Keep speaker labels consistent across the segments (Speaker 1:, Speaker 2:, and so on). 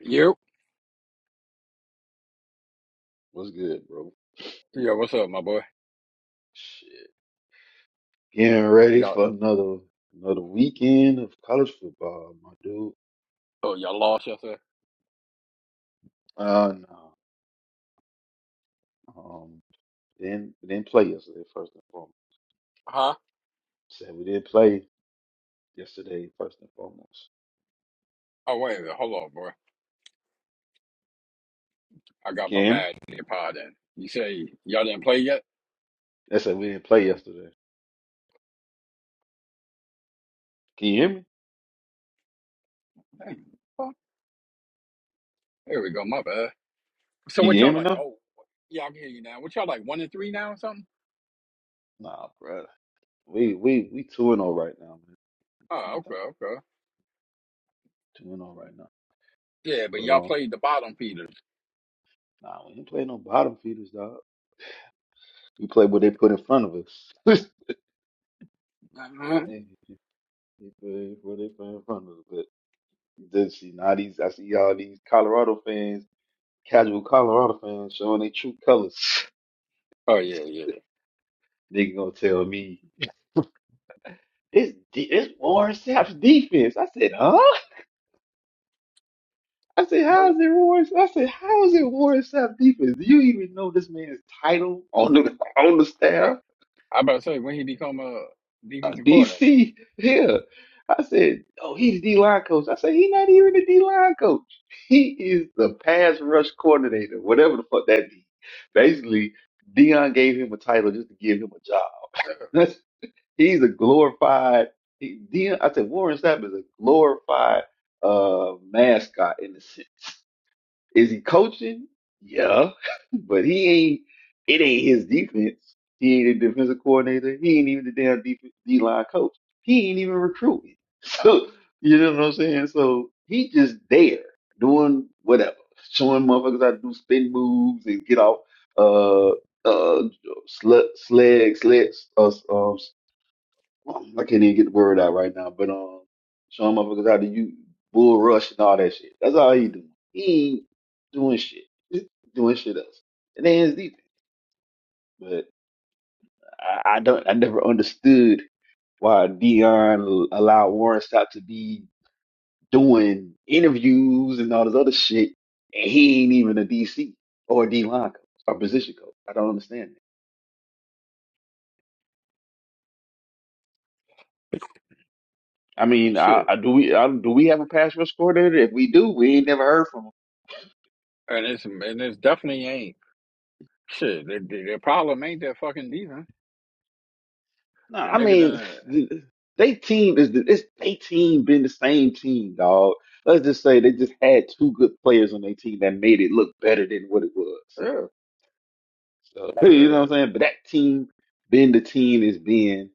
Speaker 1: Yep.
Speaker 2: What's good, bro?
Speaker 1: Yeah, what's up, my boy?
Speaker 2: Shit. Getting ready
Speaker 1: Y'all,
Speaker 2: for another another weekend of college football, my dude.
Speaker 1: oh, y'all lost yesterday?
Speaker 2: Uh no. Um didn't we didn't play yesterday, first and foremost.
Speaker 1: Huh?
Speaker 2: Said we didn't play yesterday, first and foremost.
Speaker 1: Oh, wait a minute. Hold on, boy. I got
Speaker 2: Can
Speaker 1: my
Speaker 2: you hear me?
Speaker 1: bad in your pod in. You say y'all didn't play yet?
Speaker 2: I said we didn't play yesterday. Can you hear me?
Speaker 1: Dang, fuck. Here we go, my bad. So
Speaker 2: You can
Speaker 1: what
Speaker 2: hear
Speaker 1: y'all
Speaker 2: me
Speaker 1: like?
Speaker 2: now?
Speaker 1: Oh, yeah, I can hear you now. What y'all like, one and three now or something?
Speaker 2: Nah, brother. We we we two and oh right now, man.
Speaker 1: Oh,
Speaker 2: We
Speaker 1: okay,
Speaker 2: talking
Speaker 1: okay.
Speaker 2: two and oh right now.
Speaker 1: Yeah, but
Speaker 2: But
Speaker 1: y'all
Speaker 2: um
Speaker 1: played the bottom feeders.
Speaker 2: nah, we didn't play no bottom feeders, dog. We play what they put in front of us.
Speaker 1: Uh-huh.
Speaker 2: Hey. They play where they playing fun a little Did see now these I see all these Colorado fans, casual Colorado fans showing their true colors.
Speaker 1: Oh, yeah, yeah.
Speaker 2: They gonna tell me it's de- it's Warren Sapp's defense. I said, huh? I said, how is
Speaker 1: That's
Speaker 2: it Warren? I said, how is it Warren Sapp defense? Do you even know this man's title on the on the
Speaker 1: right.
Speaker 2: staff?
Speaker 1: I about to say, when he become a
Speaker 2: uh,
Speaker 1: defensive coordinator?
Speaker 2: DC here. I said, oh, he's D line coach. I said, he's not even a D line coach. He is the pass rush coordinator, whatever the fuck that means. Basically, Dion gave him a title just to give him a job. That's, he's a glorified he, Dion. I said Warren Sapp is a glorified uh, mascot in a sense. Is he coaching? Yeah, but he ain't. It ain't his defense. He ain't a defensive coordinator. He ain't even the damn D line coach. He ain't even recruiting. So you know what I'm saying. So he just there doing whatever, showing motherfuckers how to do spin moves and get off uh uh sl- slag sled uh, uh, um, I can't even get the word out right now, but um, showing motherfuckers how to use bull rush and all that shit. That's all he doing. He ain't doing shit. He's doing shit else. And ain't his defense. But I, I don't. I never understood why Dion allowed Warren Sapp to be doing interviews and all this other shit, and he ain't even a DC or a D line coach or position coach. I don't understand that. I
Speaker 1: And
Speaker 2: mean, I,
Speaker 1: shit.
Speaker 2: I do we I, do we have a pass rush coordinator? If we do, we ain't never heard from him
Speaker 1: And it's, and it's definitely ain't. Shit, the, the, the problem ain't that fucking defense.
Speaker 2: No,
Speaker 1: The
Speaker 2: I
Speaker 1: nigga
Speaker 2: mean,
Speaker 1: done.
Speaker 2: they team is it's they team been the same team, dog. Let's just say they just had two good players on their team that made it look better than what it was.
Speaker 1: Yeah,
Speaker 2: So
Speaker 1: uh,
Speaker 2: you
Speaker 1: yeah,
Speaker 2: know what I'm saying? But that team been the team is been,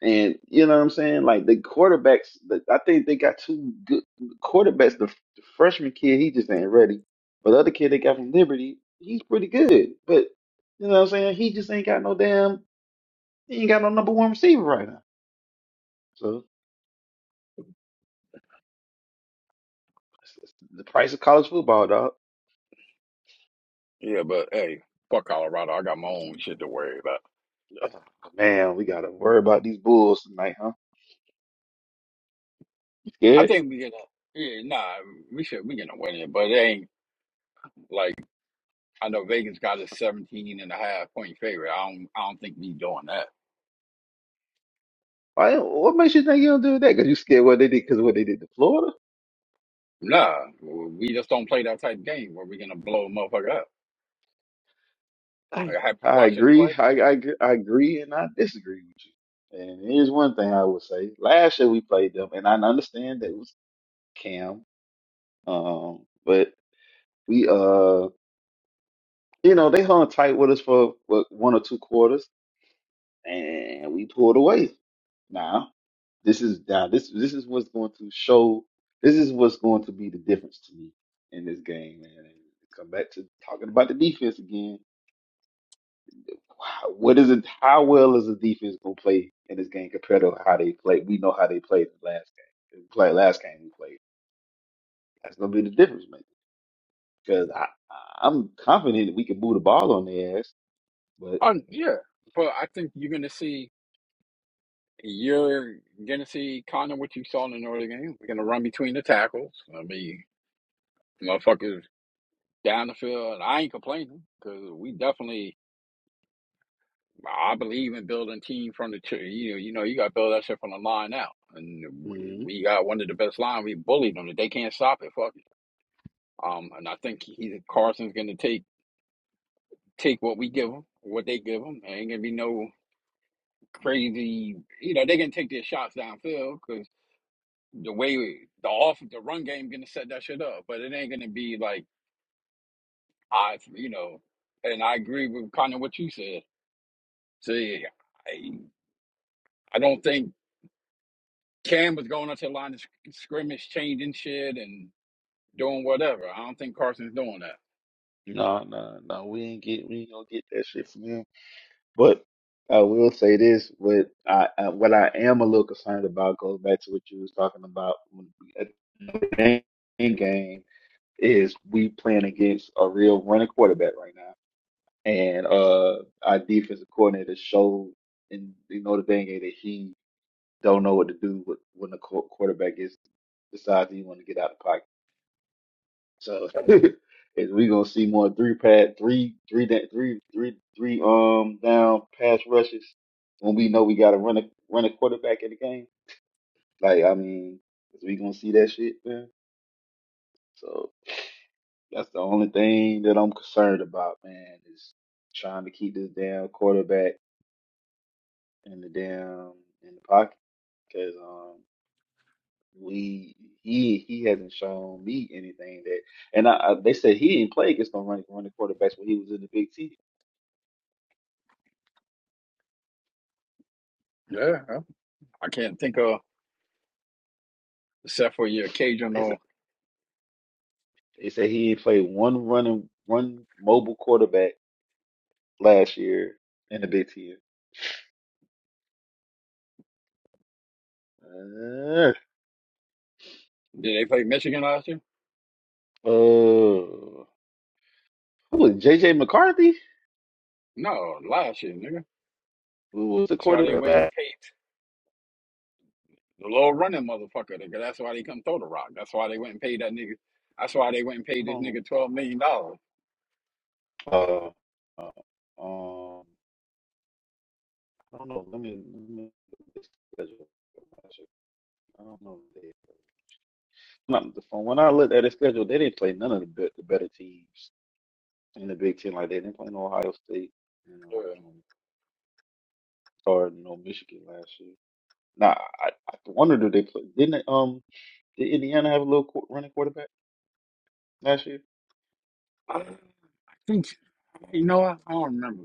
Speaker 2: and you know what I'm saying? Like the quarterbacks, the, I think they got two good quarterbacks. The, the freshman kid, he just ain't ready. But the other kid they got from Liberty, he's pretty good. But you know what I'm saying? He just ain't got no damn. He ain't got no number one receiver right now. So, The price of college football, dog.
Speaker 1: yeah, but hey, fuck Colorado. I got my own shit to worry about.
Speaker 2: Man, we gotta worry about these Bulls tonight, huh? You
Speaker 1: I
Speaker 2: scared?
Speaker 1: think we gonna. Yeah, nah, we should. We gonna win it, but it ain't like I know Vegas got a 17 and a half point favorite. I don't. I don't think we doing that.
Speaker 2: Why? What makes you think you don't do that? Cause you scared what they did? Cause what they did to Florida?
Speaker 1: Nah, we just don't play that type of game where we're gonna blow a motherfucker up.
Speaker 2: I
Speaker 1: Like, have you
Speaker 2: I
Speaker 1: watched us
Speaker 2: agree.
Speaker 1: play?
Speaker 2: I, I gr- I agree, and I disagree with you. And here's one thing I would say: last year we played them, and I understand that it was Cam, um, but we uh, you know, they hung tight with us for what, one or two quarters. and we pulled away. Now this is now this this is what's going to show. This is what's going to be the difference to me in this game, man. And come back to talking about the defense again. Wow, What is it? How well is the defense going to play in this game compared to how they played? We know how they played the last game. The play last game we played. That's going to be the difference, man. Because I I- I'm confident that we can move the ball on their ass, but
Speaker 1: Um, yeah, but I think you're gonna see. You're gonna see kind of what you saw in the Northern game. We're gonna run between the tackles. I mean, motherfuckers down the field. And I ain't complaining because we definitely, I believe in building team from the, you know, you know, you got to build that shit from the line out. And we,
Speaker 2: mm,
Speaker 1: we got one of the best line. We bullied them. If they can't stop it, fuck it. Um, and I think he, Carson's going to take take what we give them, what they give them. Ain't going to be no crazy, you know, they can take their shots downfield because the way we, the off the run game going to set that shit up. But it ain't going to be like, I, you know, and I agree with kind of what you said. See, I, I don't think Cam was going up to the line of sc- scrimmage, changing shit and doing whatever. I don't think Carson's doing that.
Speaker 2: no, no, no, we ain't get we ain't gonna get that shit from them. But I will say this: what I, I what I am a little concerned about goes back to what you was talking about when we- at the end game is we playing against a real running quarterback right now, and uh our defensive coordinator showed in the Notre Dame game that he don't know what to do with- when the qu- quarterback is decides he want to get out of the pocket. So is we gonna see more three pad three three da- three three three um down pass rushes when we know we gotta run a run a quarterback in the game? Like I mean, is we gonna see that shit, man? So that's the only thing that I'm concerned about, man, is trying to keep this damn quarterback in the damn in the pocket. Cause um we he he hasn't shown me anything that and I, I they said he didn't play against no running running quarterbacks when he was in the Big Ten.
Speaker 1: Yeah, I can't think of except for your
Speaker 2: They s-
Speaker 1: occasional.
Speaker 2: they said he ain't played one running one mobile quarterback last year in the Big Ten. Uh,
Speaker 1: Did they play Michigan last year?
Speaker 2: uh, who was it, JJ McCarthy?
Speaker 1: No, last year, nigga.
Speaker 2: Who was the
Speaker 1: That's why they
Speaker 2: quarterback
Speaker 1: went and
Speaker 2: last?
Speaker 1: paid the little running motherfucker. Nigga. That's why they come throw the rock. That's why they went and paid that nigga. That's why they went and
Speaker 2: I
Speaker 1: paid this
Speaker 2: don't know.
Speaker 1: nigga twelve million dollars.
Speaker 2: Uh, uh, um, I don't know. Let me. Let me look at the schedule. I don't know. if they- Not, from when I looked at the schedule, they didn't play none of the, be- the better teams in the Big Ten like they didn't play no Ohio State, you know, um, or no Michigan last year. Nah, I, I wonder do they play? Didn't they, um did Indiana have a little qu- running quarterback last year?
Speaker 1: I I think you know what? I don't remember.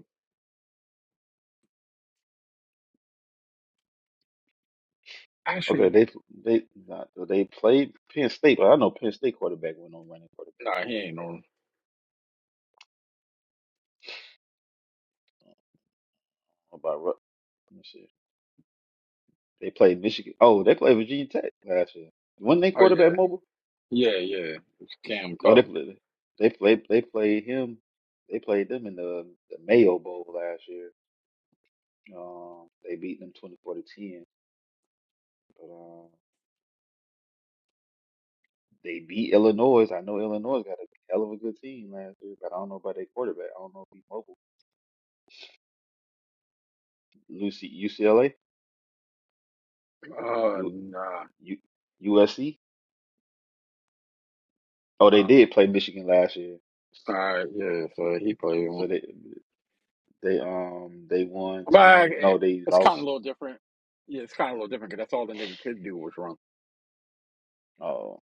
Speaker 2: Okay,
Speaker 1: Actually,
Speaker 2: they they not they played Penn State, but I know Penn State quarterback went on running quarterback.
Speaker 1: nah, he ain't on.
Speaker 2: What about Rut? Let me see. They played Michigan. Oh, they played Virginia Tech last year. Wasn't they
Speaker 1: Oh
Speaker 2: quarterback
Speaker 1: yeah,
Speaker 2: mobile?
Speaker 1: yeah, yeah. It's Cam
Speaker 2: Oh, they
Speaker 1: Cousins.
Speaker 2: played they played they played him. They played them in the, the Mayo Bowl last year. Um, they beat them twenty four to ten. But um, They beat Illinois. I know Illinois got a hell of a good team last year, but I don't know about their quarterback. I don't know if he's mobile. Lucy, UCLA,
Speaker 1: Oh
Speaker 2: U,
Speaker 1: nah.
Speaker 2: U, USC. Oh, they
Speaker 1: Um,
Speaker 2: did play Michigan last year,
Speaker 1: all right, yeah. So he played him,
Speaker 2: so they they um they won
Speaker 1: but eh,
Speaker 2: twenty. No, they
Speaker 1: it's kind of a
Speaker 2: lost.
Speaker 1: little different. Yeah, it's kind of a little different because that's all the nigga could do was run.
Speaker 2: Oh,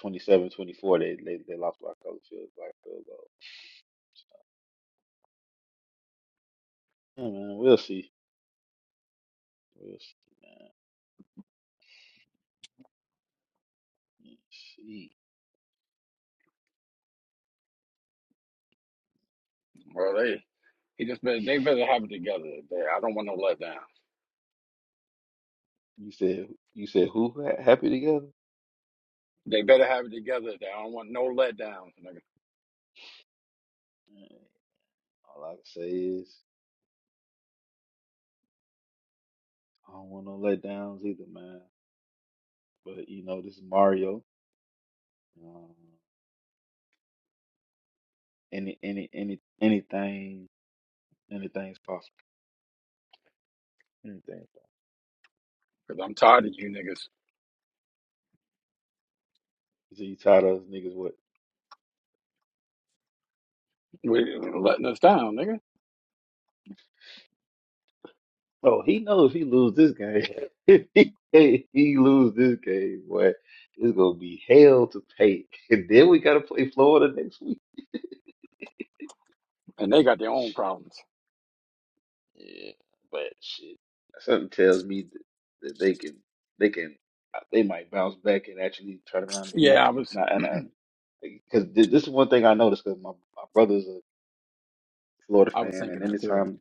Speaker 2: twenty-seven, twenty-four. They they they lost by a couple field by a field goal. Yeah, man, we'll see. We'll see, man. We'll see.
Speaker 1: Well, they he just better, they better have it together. They, I don't want no letdown.
Speaker 2: You said you said who ha- happy together?
Speaker 1: They better have it together. They, I don't want no letdowns, nigga.
Speaker 2: Man, all I can say is. I don't want no letdowns either, man. But you know, this is Mario. Um, any, any, any, anything, anything's possible. Anything's possible.
Speaker 1: Because I'm tired of you niggas
Speaker 2: So you tired of us niggas? What?
Speaker 1: we- letting us down, nigga.
Speaker 2: Oh, he knows he lose this game. if he, if he lose this game, boy, it's gonna be hell to pay. And then we gotta play Florida next week.
Speaker 1: And they got their own
Speaker 2: Shit,
Speaker 1: problems.
Speaker 2: yeah, but shit, something tells me that, that they can, they can, they might bounce back and actually turn around and beat.
Speaker 1: Yeah, I was
Speaker 2: Now, And I. because this is one thing I noticed because my, my brother's a Florida
Speaker 1: I was
Speaker 2: fan,
Speaker 1: thinking
Speaker 2: and
Speaker 1: that too.
Speaker 2: anytime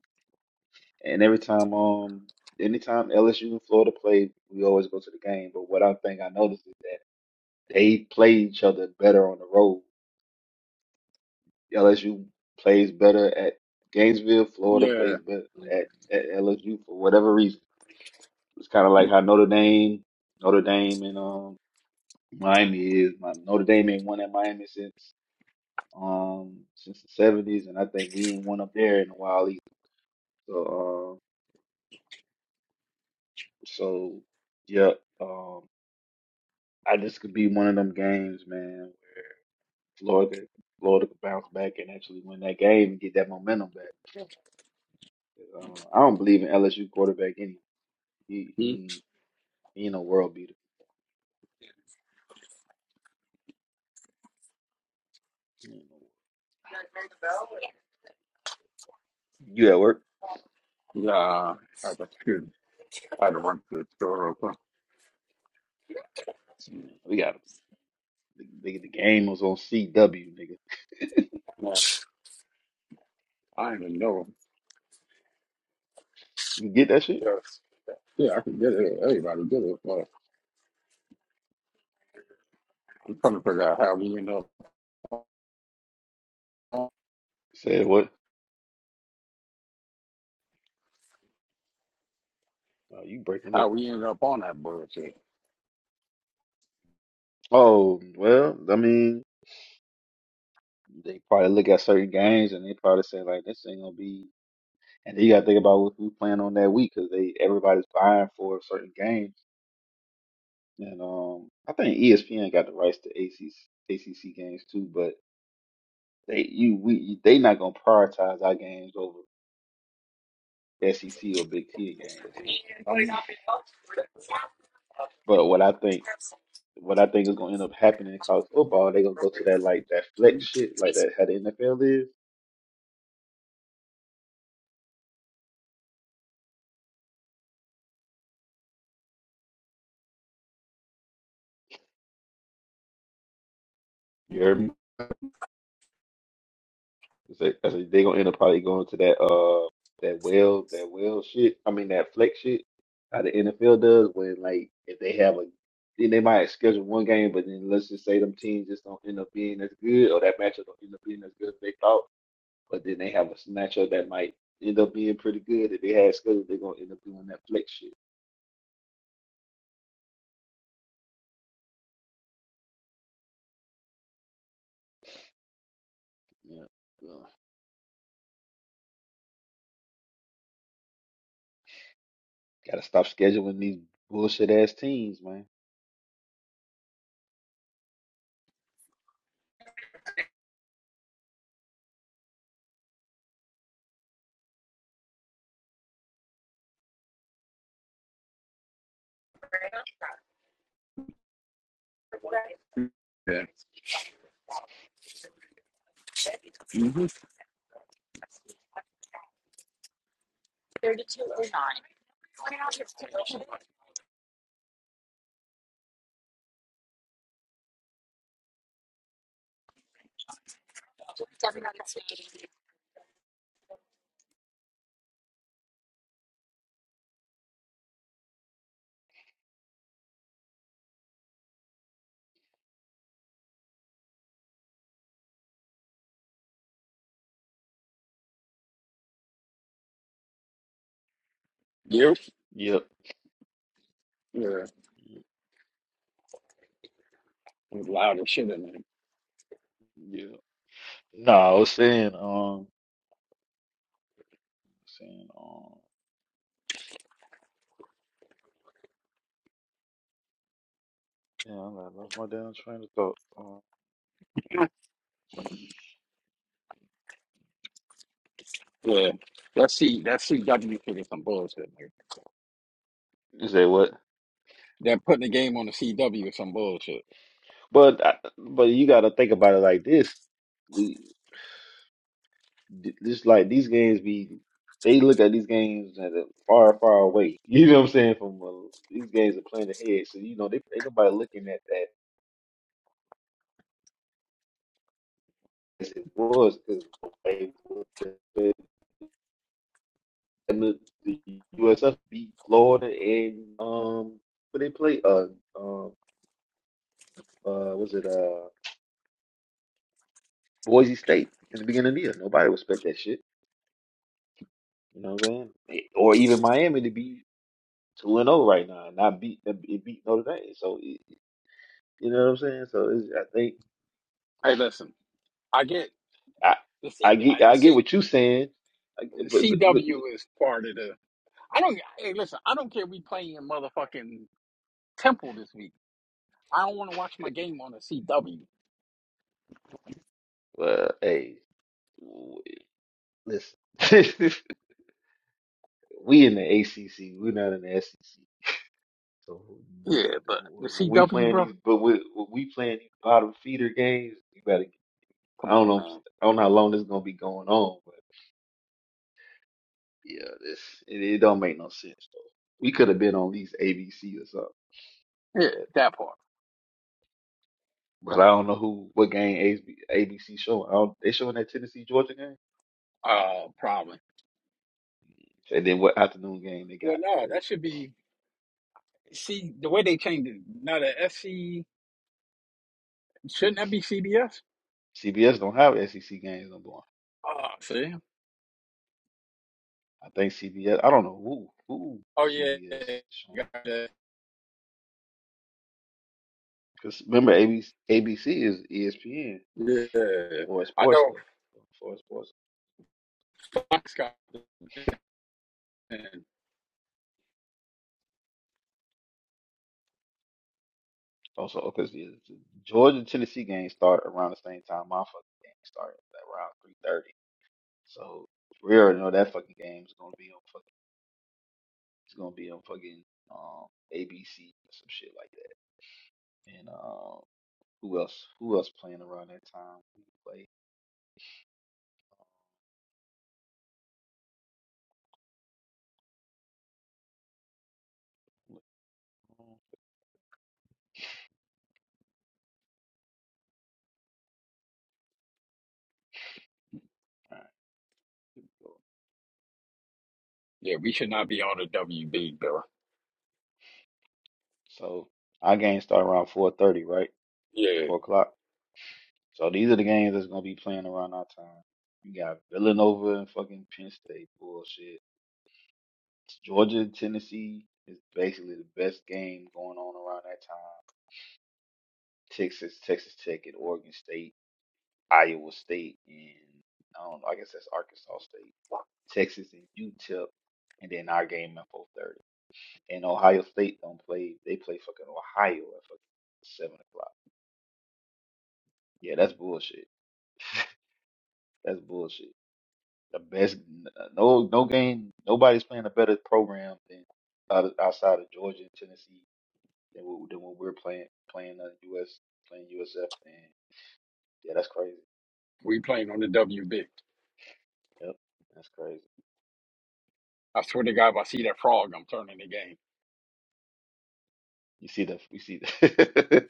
Speaker 2: and every time um anytime LSU and Florida play, we always go to the game. But what I think I noticed is that they play each other better on the road. LSU plays better at Gainesville, Florida
Speaker 1: Yeah.
Speaker 2: plays better at, at LSU for whatever reason. It's kind of like how Notre Dame, Notre Dame and um Miami is. My, Notre Dame ain't won at Miami since um since the seventies, and I think we ain't won up there in a while either. So, um, so yeah, um, I this could be one of them games, man. Where Florida, Florida could bounce back and actually win that game and get that momentum back. Uh, I don't believe in LSU quarterback anyway. He
Speaker 1: Hmm?
Speaker 2: he he ain't no world beater. He ain't no- You at work?
Speaker 1: Nah, I had to, I had to run to the store. real quick. Yeah,
Speaker 2: We got him. nigga. The game was on CW, nigga.
Speaker 1: I don't even know.
Speaker 2: You get that shit?
Speaker 1: Yes. Yeah, I can get it. Everybody get it. But I'm trying to figure out how we end up on,
Speaker 2: Said what? Oh, you breaking
Speaker 1: how
Speaker 2: up?
Speaker 1: we end up on that bullshit.
Speaker 2: Oh well, I mean, they probably look at certain games and they probably say like, this ain't gonna be. And then you got to think about who- who's playing on that week because they everybody's buying for certain games. And um, I think ESPN got the rights to ACC, ACC games too, but they you we they not gonna prioritize our games over SEC or Big Ten games.
Speaker 1: Um,
Speaker 2: But what I think what I think is gonna end up happening in college football, they gonna go to that like that flex shit, like that how the NFL is. You heard me?
Speaker 1: yeah.
Speaker 2: It's like- they gonna end up probably going to that uh that well that well shit. I mean that flex shit. How the NFL does when like if they have a then they might schedule one game, but then let's just say them teams just don't end up being as good or that matchup don't end up being as good as they thought. But then they have a matchup that might end up being pretty good. If they had scheduled, they're gonna end up doing that flex shit. Yeah. Ugh. Gotta stop scheduling these bullshit ass teams, man.
Speaker 1: hmm Yep.
Speaker 2: Yep.
Speaker 1: Yeah. It was loud as shit in
Speaker 2: Yep. No, I was saying, um, saying, um. Yeah, I lost my damn train of thought. Uh,
Speaker 1: there. Yeah. Let's see. That CW shit is some bullshit. Like,
Speaker 2: You say what?
Speaker 1: they're putting the game on the CW is some bullshit.
Speaker 2: But I- but you got to think about it like this. We th- this like these games be they look at these games that are far far away. You know what I'm saying? From uh, these games are playing ahead, so you know they ain't nobody looking at that as it was because they would- the, the the USF beat Florida and um but they play uh um uh was it uh Boise State in the beginning of the year. Nobody respect that shit. You know what I'm saying? It- Or even Miami to be two and zero right now and not beat it beat Notre Dame. So it, you know what I'm saying? So it's, I think
Speaker 1: Hey, listen. I get
Speaker 2: I
Speaker 1: the C.
Speaker 2: I
Speaker 1: uh,
Speaker 2: get
Speaker 1: The
Speaker 2: I get
Speaker 1: C.
Speaker 2: what you saying, I, but but but, but
Speaker 1: CW is part of the. I don't. Hey, listen. I don't care. We playing motherfucking Temple this week. I don't want to watch my game on the CW.
Speaker 2: well, hey, w- listen, we in the ACC, we're not in the SEC. So the-
Speaker 1: Yeah,
Speaker 2: the-
Speaker 1: but the
Speaker 2: when we
Speaker 1: CW,
Speaker 2: playing
Speaker 1: bro.
Speaker 2: these, but we when we playing these bottom feeder games, you better. I
Speaker 1: Come
Speaker 2: don't
Speaker 1: on,
Speaker 2: know.
Speaker 1: man.
Speaker 2: I don't know how long this is gonna be going on, Yeah, this it, it don't make no sense though. We could have been on at least ABC or something,
Speaker 1: Yeah,
Speaker 2: but
Speaker 1: that part.
Speaker 2: but I don't know who what game AB, ABC showing. I don't, they showing that Tennessee Georgia game,
Speaker 1: Uh, probably.
Speaker 2: and then what afternoon game they
Speaker 1: Well,
Speaker 2: got
Speaker 1: no,
Speaker 2: because
Speaker 1: that should be. See the way they changed it. Now the SC shouldn't that be CBS?
Speaker 2: CBS don't have SEC games no more.
Speaker 1: Oh, see.
Speaker 2: I think CBS. I don't know who who
Speaker 1: Oh yeah.
Speaker 2: CBS
Speaker 1: yeah,
Speaker 2: showing
Speaker 1: Got that.
Speaker 2: because remember ABC, is ESPN
Speaker 1: Yeah.
Speaker 2: for
Speaker 1: I
Speaker 2: sports
Speaker 1: know
Speaker 2: stuff for sports.
Speaker 1: Fox got. that.
Speaker 2: Also, because the the Georgia Tennessee game started around the same time my fucking game started around three thirty. So we already know that fucking game's gonna be on fucking it's gonna be on fucking um ABC or some shit like that. And uh, who else who else playing around that time? Who Play. alright, cool.
Speaker 1: Yeah, we should not be on the WB, bro.
Speaker 2: So our games start around four thirty, right?
Speaker 1: Yeah,
Speaker 2: Four o'clock. So these are the games that's gonna be playing around our time. You got Villanova and fucking Penn State bullshit. Georgia, and Tennessee is basically the best game going on around that time. Texas, Texas Tech, and Oregon State Iowa State and I don't know, I guess that's Arkansas State, Texas and UTEP, and then our game at four thirty. And Ohio State don't play; they play fucking Ohio at fucking seven o'clock. Yeah, that's bullshit. That's bullshit. The best, no, no game. Nobody's playing a better program than out- outside of Georgia and Tennessee than what, than what we're playing playing the US playing USF. And yeah, that's crazy.
Speaker 1: we playing on the WB.
Speaker 2: Yep, that's crazy.
Speaker 1: I swear to God, if I see that frog, I'm turning the game.
Speaker 2: You see the, you see the.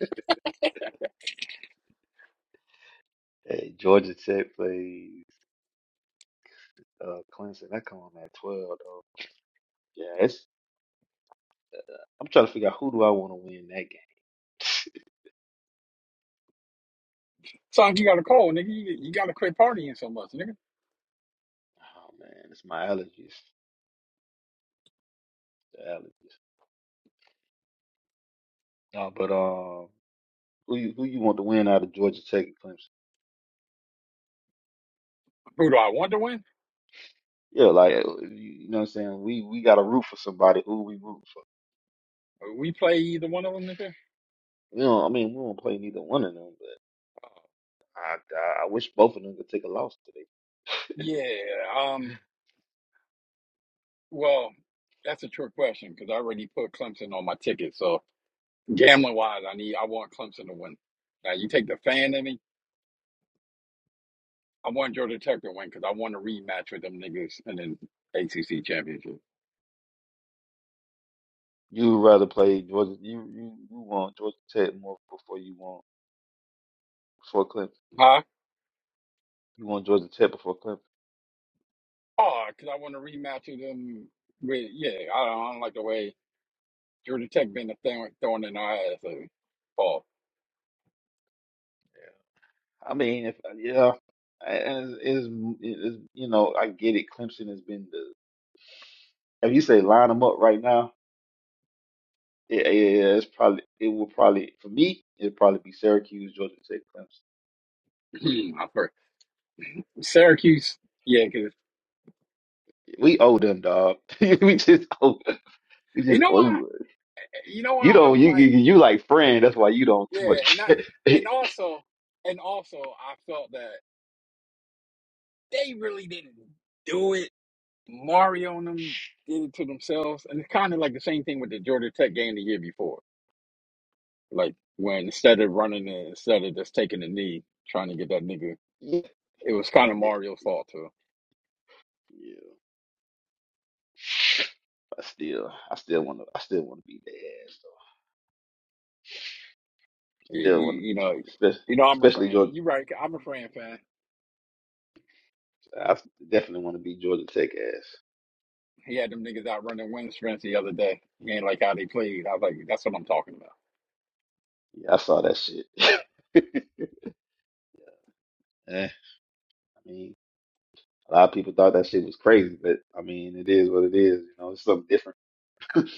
Speaker 2: Hey, Georgia Tech plays uh, Clemson. That come on at 12, though. Yeah, it's, I'm trying to figure out who do I want to win that game.
Speaker 1: Sonic, you got a call, nigga. You, you got to quit partying so much, nigga.
Speaker 2: Oh, man, it's my allergies. The allergies. No, but um, who you, who you want to win out of Georgia Tech and Clemson?
Speaker 1: Who do I want to win?
Speaker 2: Yeah, like, uh, you you know what I'm saying? We we got to root for somebody who we root for.
Speaker 1: We play either one of them, nigga?
Speaker 2: You know, I mean, we don't play neither one of them, but I, I, I wish both of them could take a loss today.
Speaker 1: Yeah. Um. Well, that's a trick question because I already put Clemson on my ticket. So gambling wise, I need I want Clemson to win. Now you take the fan in me. I want Georgia Tech to win because I want to rematch with them niggas in the ACC championship.
Speaker 2: You would rather play Georgia, you, you, you want Georgia Tech more before you want, before Clemson.
Speaker 1: Huh?
Speaker 2: You want Georgia Tech before Clemson?
Speaker 1: Oh, because I want to rematch with them. With yeah, I don't, I don't like the way Georgia Tech been a thing thrown in our ass lately. Paul,
Speaker 2: Yeah. I mean, if uh, yeah, and it's, it's, it's you know I get it. Clemson has been the if you say line them up right now, it, yeah, yeah, it's probably it will probably for me it'll probably be Syracuse, Georgia Tech, Clemson.
Speaker 1: I first Syracuse, yeah, because
Speaker 2: We owe them, dog. we just owe we
Speaker 1: you
Speaker 2: just
Speaker 1: know why?
Speaker 2: owe
Speaker 1: You know
Speaker 2: you
Speaker 1: why I'm
Speaker 2: don't you
Speaker 1: like,
Speaker 2: you you like friend. That's why you don't too
Speaker 1: yeah, and
Speaker 2: much.
Speaker 1: I
Speaker 2: yeah,
Speaker 1: and also and also I felt that they really didn't do it. Mario and them did it to themselves, and it's kind of like the same thing with the Georgia Tech game the year before. Like when instead of running it, instead of just taking a knee, trying to get that nigga,
Speaker 2: yeah.
Speaker 1: it was kind of
Speaker 2: yeah,
Speaker 1: Mario's fault too.
Speaker 2: I still I still want to I still want to be their ass. Though.
Speaker 1: You,
Speaker 2: Still
Speaker 1: you,
Speaker 2: want to
Speaker 1: you
Speaker 2: be
Speaker 1: know,
Speaker 2: especially.
Speaker 1: you know, I'm a
Speaker 2: Especially
Speaker 1: fan.
Speaker 2: Georgia
Speaker 1: You're right. I'm a fan fan.
Speaker 2: I definitely want to be Georgia Tech ass.
Speaker 1: He had them niggas out running wind sprints the other day. He ain't like how they played. I was like, that's what I'm talking about.
Speaker 2: Yeah, I saw that shit. Eh, I mean, a lot of people thought that shit was crazy, but I mean, it is what it is. You know, it's something different.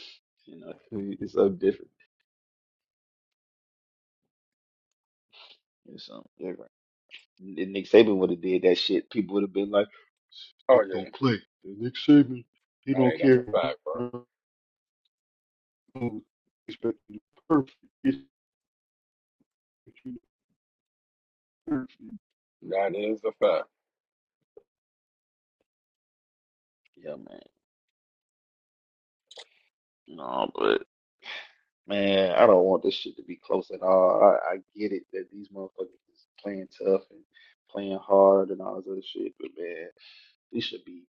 Speaker 2: you know, it's something different. It's something different. If Nick Saban would have did that shit, people would have been like,
Speaker 1: Oh
Speaker 2: Nick
Speaker 1: yeah.
Speaker 2: don't play. Nick Saban, he
Speaker 1: Hey,
Speaker 2: don't
Speaker 1: that's a
Speaker 2: care.
Speaker 1: fact, bro.
Speaker 2: Expect you to be perfect.
Speaker 1: That is a fact.
Speaker 2: Yeah, man. No, but. Man, I don't want this shit to be close at all. I, I get it that these motherfuckers is playing tough and playing hard and all this other shit, but man, we should be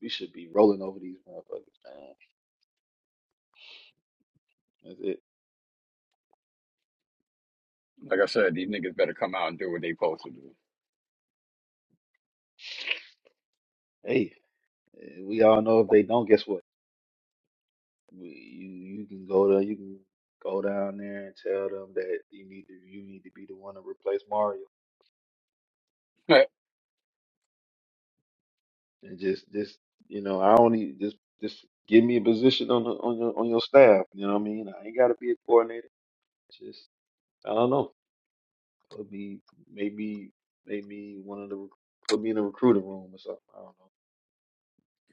Speaker 2: we should be rolling over these motherfuckers, man. That's it.
Speaker 1: Like I said, these niggas better come out and do what they supposed to do.
Speaker 2: Hey, eh, we all know if they don't, guess what? We, you you can go to you can go down there and tell them that you need to you need to be the one to replace Mario and just just you know I only just just give me a position on the on your on your staff. You know what I mean? I ain't got to be a coordinator. Just I don't know. Put me, maybe, maybe one of the rec- put me in a recruiting room or something. I don't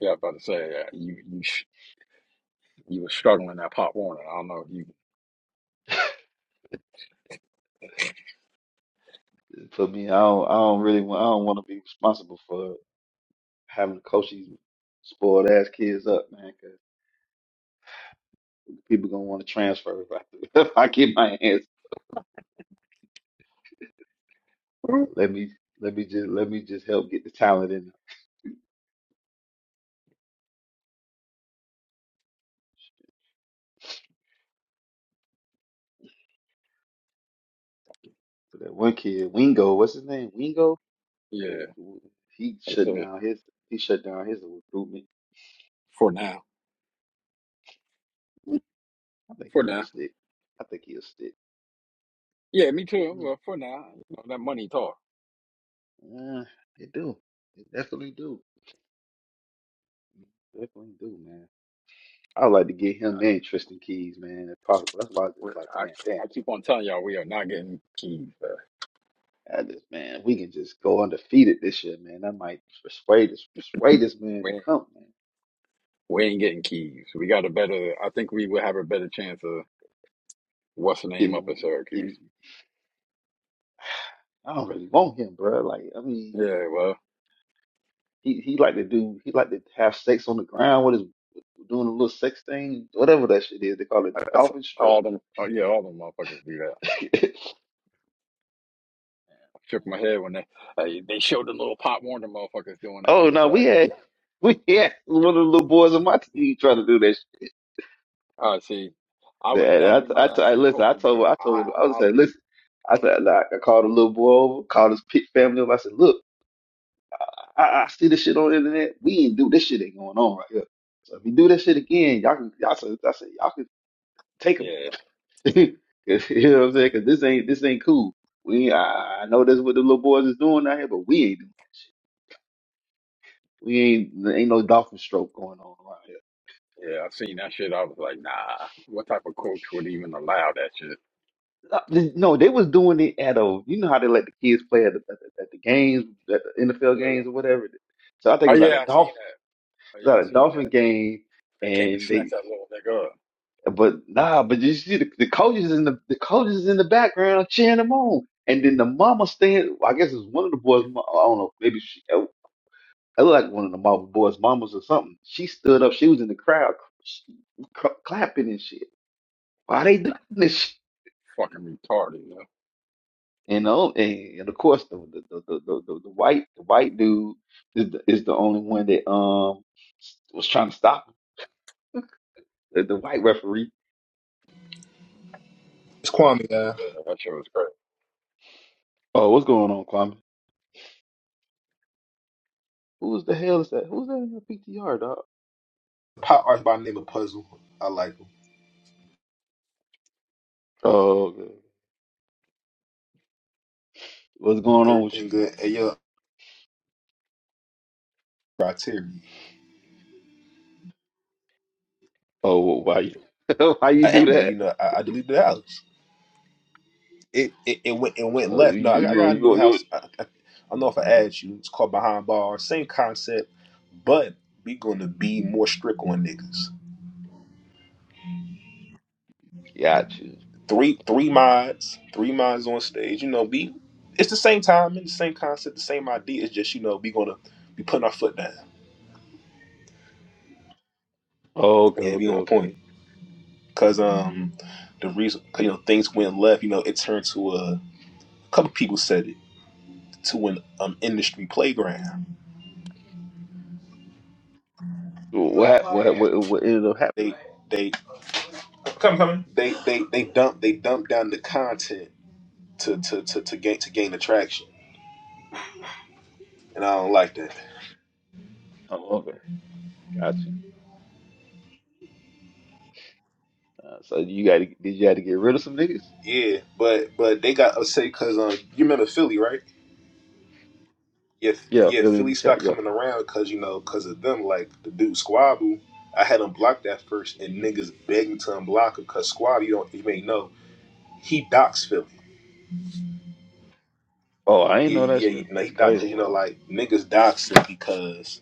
Speaker 1: yeah, I was about to say uh, you you sh- you were struggling at Pop Warner. I don't know. if You
Speaker 2: know. Just put me. I don't. I don't really want. I don't want to be responsible for having to coach these spoiled ass kids up, man. 'cause people gonna want to transfer if I, if I get my hands. So let me. Let me just. Let me just help get the talent in. But that one kid, Wingo. What's his name? Wingo.
Speaker 1: yeah.
Speaker 2: who- who- He
Speaker 1: They
Speaker 2: shut
Speaker 1: say
Speaker 2: down his. He shut down his recruitment.
Speaker 1: for now,
Speaker 2: I think
Speaker 1: for
Speaker 2: he gonna
Speaker 1: now.
Speaker 2: stick. I think he'll stick.
Speaker 1: Yeah, me too. Well, for now, you know, that money talk.
Speaker 2: Uh, it do. It definitely do. Definitely do, man. I would like to get him and Tristan Keys, man, if possible. That's why I was just
Speaker 1: We're,
Speaker 2: like,
Speaker 1: I
Speaker 2: man, damn.
Speaker 1: I keep on telling y'all we are not getting keys. Uh,
Speaker 2: I just, man, we can just go undefeated this year, man. I might persuade this, persuade this man to
Speaker 1: we ain't-
Speaker 2: come, man.
Speaker 1: we ain't getting keys. We got a better. I think we would have a better chance of. what's the name up in
Speaker 2: Getting,
Speaker 1: Syracuse.
Speaker 2: getting, I don't really want him, bro. Like, I mean,
Speaker 1: Yeah, well,
Speaker 2: he he like to do, he like to have sex on the ground with his, doing a little sex thing, whatever that shit is. They call it
Speaker 1: I-
Speaker 2: the
Speaker 1: that's
Speaker 2: dolphin stroke.
Speaker 1: all them. Oh yeah, all them motherfuckers do that. I shook my head when they hey, they showed the little Pop Warner motherfuckers doing that.
Speaker 2: oh
Speaker 1: I'm just
Speaker 2: no, we
Speaker 1: like,
Speaker 2: had, we had one of the little boys on my team trying to do that
Speaker 1: all right, see, I would
Speaker 2: And
Speaker 1: that'd
Speaker 2: I,
Speaker 1: be my
Speaker 2: I,
Speaker 1: last
Speaker 2: I
Speaker 1: day
Speaker 2: listen. I
Speaker 1: coaching
Speaker 2: told,
Speaker 1: because
Speaker 2: I
Speaker 1: I
Speaker 2: told, I was
Speaker 1: I
Speaker 2: saying,
Speaker 1: lose.
Speaker 2: listen. I said, like, I called a little boy over, called his pit family up. I said, look, I, I see this shit on the internet. We ain't do this shit ain't going on right here. So if you do this shit again, y'all can, y'all said, I said, y'all can take him.
Speaker 1: Yeah,
Speaker 2: you know what I'm saying? saying because this ain't, this ain't cool. We, ain't- I, I know that's what the little boys is doing out here, but we ain't, doing it. we ain't, ain't no dolphin stroke going on around here.
Speaker 1: yeah, I seen that shit. I was like, nah, what type of coach would even allow that shit?
Speaker 2: Uh, No, they was doing it at a, you know how they let the kids play at the, at the, at the games, at the NFL
Speaker 1: Yeah.
Speaker 2: games or whatever. So I think it
Speaker 1: Oh
Speaker 2: was at
Speaker 1: yeah,
Speaker 2: a
Speaker 1: I seen
Speaker 2: Dolphin,
Speaker 1: that. Oh
Speaker 2: it
Speaker 1: yeah,
Speaker 2: was
Speaker 1: I
Speaker 2: at a
Speaker 1: seen
Speaker 2: Dolphin
Speaker 1: that.
Speaker 2: game,
Speaker 1: They came to
Speaker 2: and
Speaker 1: snatch
Speaker 2: they,
Speaker 1: that little nigga up.
Speaker 2: but nah, but you see the, the coaches in the the coaches in the background cheering them on, and then the mama stand. I guess it's one of the boys. mo- I don't know, maybe she. I look like one of the mama boys' mamas or something. She stood up. She was in the crowd, cl- cl- clapping and shit. Why they doing this?
Speaker 1: Fucking retarded, you know.
Speaker 2: And, um, and and of course the the the the, the, the, the white the white dude is the, is the only one that um was trying to stop him. The, the white referee.
Speaker 3: It's Kwame, guy.
Speaker 1: Yeah, that shit was great.
Speaker 2: Oh, what's going on, Kwame? Who's the hell is that? Who's that in your PTR, dog?
Speaker 3: Pop art by name of Puzzle. I like them.
Speaker 2: Oh, okay. what's going on with
Speaker 3: Everything
Speaker 2: you?
Speaker 3: good. Hey, yo, criteria.
Speaker 2: Oh, wh- why you why you
Speaker 3: I
Speaker 2: do
Speaker 3: ended it,
Speaker 2: that?
Speaker 3: you know, I, I deleted the house. It, it it went it went
Speaker 2: So you
Speaker 3: left. No,
Speaker 2: you
Speaker 3: I, got- I
Speaker 2: you
Speaker 3: got a new
Speaker 2: you,
Speaker 3: house. I, I, I don't know if I add you. It's called Behind Bars. Same concept, but we gonna be more strict on niggas.
Speaker 2: you got you.
Speaker 3: Three three mods, three mods on stage. You know, we it's the same time and the same concept, the same idea. It's just you know we gonna be putting our foot down.
Speaker 2: Oh, okay,
Speaker 3: Yeah, we
Speaker 2: okay,
Speaker 3: on point.
Speaker 2: okay.
Speaker 3: because um the reason you know things went left you know it turned to a, a couple people said it to an um industry playground
Speaker 2: What hap- what what what ended up
Speaker 3: they
Speaker 2: happening?
Speaker 3: they they they they dump they dump down the content to to to, to gain to gain attraction and I don't like that
Speaker 2: Oh, okay, got you. Uh, so you got to did you have to get rid of some niggas?
Speaker 3: yeah but but they got upset because um you remember Philly right yeah F-
Speaker 2: Yeah,
Speaker 3: yeah
Speaker 2: fill in the
Speaker 3: Philly
Speaker 2: chat.
Speaker 3: stopped
Speaker 2: Yeah.
Speaker 3: coming around because you know because of them like the dude Squabble I had him blocked that first and
Speaker 2: Mm-hmm.
Speaker 3: niggas begging to unblock him because Squab you don't you may know he docks Philly
Speaker 2: Oh, I ain't
Speaker 3: Yeah,
Speaker 2: know that
Speaker 3: yeah, he
Speaker 2: shit.
Speaker 3: know, he
Speaker 2: That's
Speaker 3: dox,
Speaker 2: crazy.
Speaker 1: Oh
Speaker 3: you know,
Speaker 1: well.
Speaker 3: like niggas doxed her because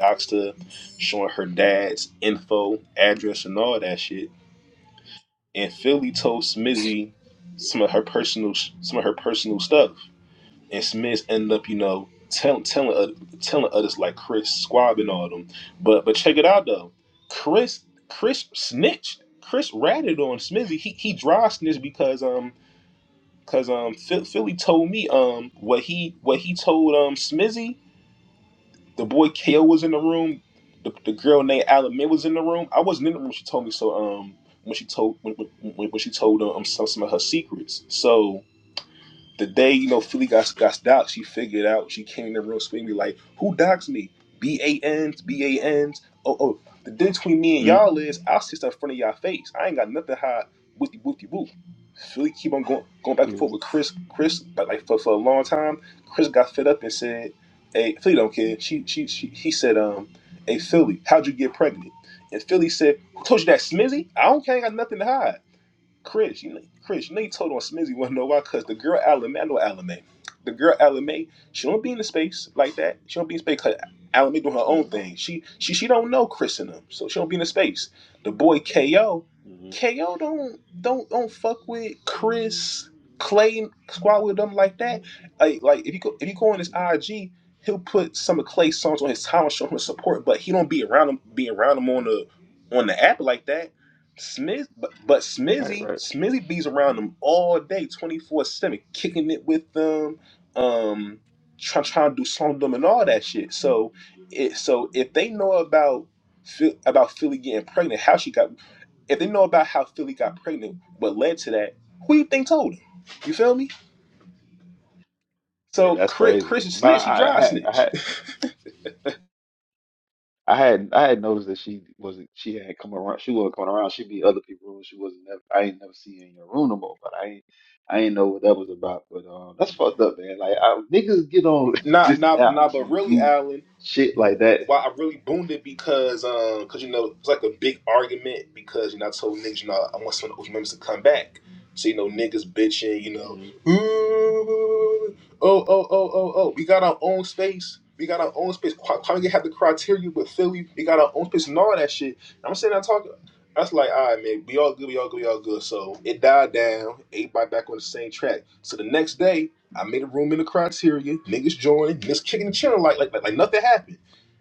Speaker 3: doxed her, showing her dad's info, address, and all that shit. And Philly told Smizzy some of her personal, some of her personal stuff, and Smiz ended up, you know, tell, telling oth- telling others like Chris Squab and all them. But but check it out though, Chris Chris snitched. Chris ratted on Smizzy. He he dry snitched because um because um Phil- Philly told me um what he what he told um Smizzy the boy KO was in the room. The, the girl named Alan was in the room. I wasn't in the room. when She told me so. Um, when she told when when, when she told um some, some of her secrets. So the day
Speaker 2: mm
Speaker 3: you know Philly got got doxxed, she figured out. She came in the room screaming like, "Who doxxed me? B A Ns, B A Ns. Oh oh." The difference between me and
Speaker 2: mm
Speaker 3: y'all is I will sit in front of y'all face. I ain't got nothing to hide. Whoopty whoopty whoop. Philly keep on going going back and forth
Speaker 2: mm
Speaker 3: with Chris. Chris like, like for, for a long time. Chris got fed up and said, "Hey Philly don't care." She she, she he said, "Um, hey Philly, how'd you get pregnant?" And Philly said, "Who told you that, Smizzy? I don't care. I ain't got nothing to hide." Chris, you know, Chris, you know you told on Smizzy wanna know why, cause the girl Alame, I know Alame. The girl Alame, she don't be in the space like that. She don't be in space cause Alame doing her own
Speaker 2: mm
Speaker 3: thing. She she she don't know Chris and them, so she don't be in the space. The boy KO,
Speaker 2: mm
Speaker 3: KO don't don't don't fuck with Chris, Clay squad with them like that. Like like if you go if you go on his IG, he'll put some of Clay's songs on his time and show him the support, but he don't be around him be around him on the on the app like that Smith, but, but
Speaker 2: Right,
Speaker 3: Smizzy,
Speaker 2: right.
Speaker 3: Smizzy bees around them all day, twenty four seven, kicking it with them, um, trying trying to do something with them and all that shit. So, it so if they know about Phil- about Philly getting pregnant, how she got, if they know about how Philly got pregnant, what led to that, who you think told him? You feel me?
Speaker 2: Yeah,
Speaker 3: So
Speaker 2: that's
Speaker 3: Chris,
Speaker 2: crazy.
Speaker 3: Chris is
Speaker 2: But
Speaker 3: snitch. He
Speaker 2: I, I
Speaker 3: dry
Speaker 2: had, I
Speaker 3: snitch.
Speaker 2: had, I had, I had noticed that she wasn't. She had come around. She wasn't coming around. She'd be in other people's room. She wasn't. Never, I ain't never seen her in your room no more. But I ain't, I ain't know what that was about. But um, that's fucked up, man. Like I, niggas get on
Speaker 3: Not,
Speaker 2: this
Speaker 3: not,
Speaker 2: app
Speaker 3: not. But
Speaker 2: to
Speaker 3: really,
Speaker 2: do
Speaker 3: Allen.
Speaker 2: shit like that.
Speaker 3: why I really boomed it because um because you know it was like a big argument because you know I told niggas you know I want some of the OG members to come back. So you know niggas bitching you know
Speaker 2: Mm-hmm.
Speaker 3: "Ooh, oh oh oh oh oh we got our own space. We got our own space. Why why we have the criteria with Philly? We got our own space and all that shit. And I'm sitting there talking. That's like, all right, man, we all good, we all good, we all good. So it died down. Everybody back on the same track. So the next day, I made a room in the criteria. Niggas joining, niggas kicking the channel like like like, like nothing happened.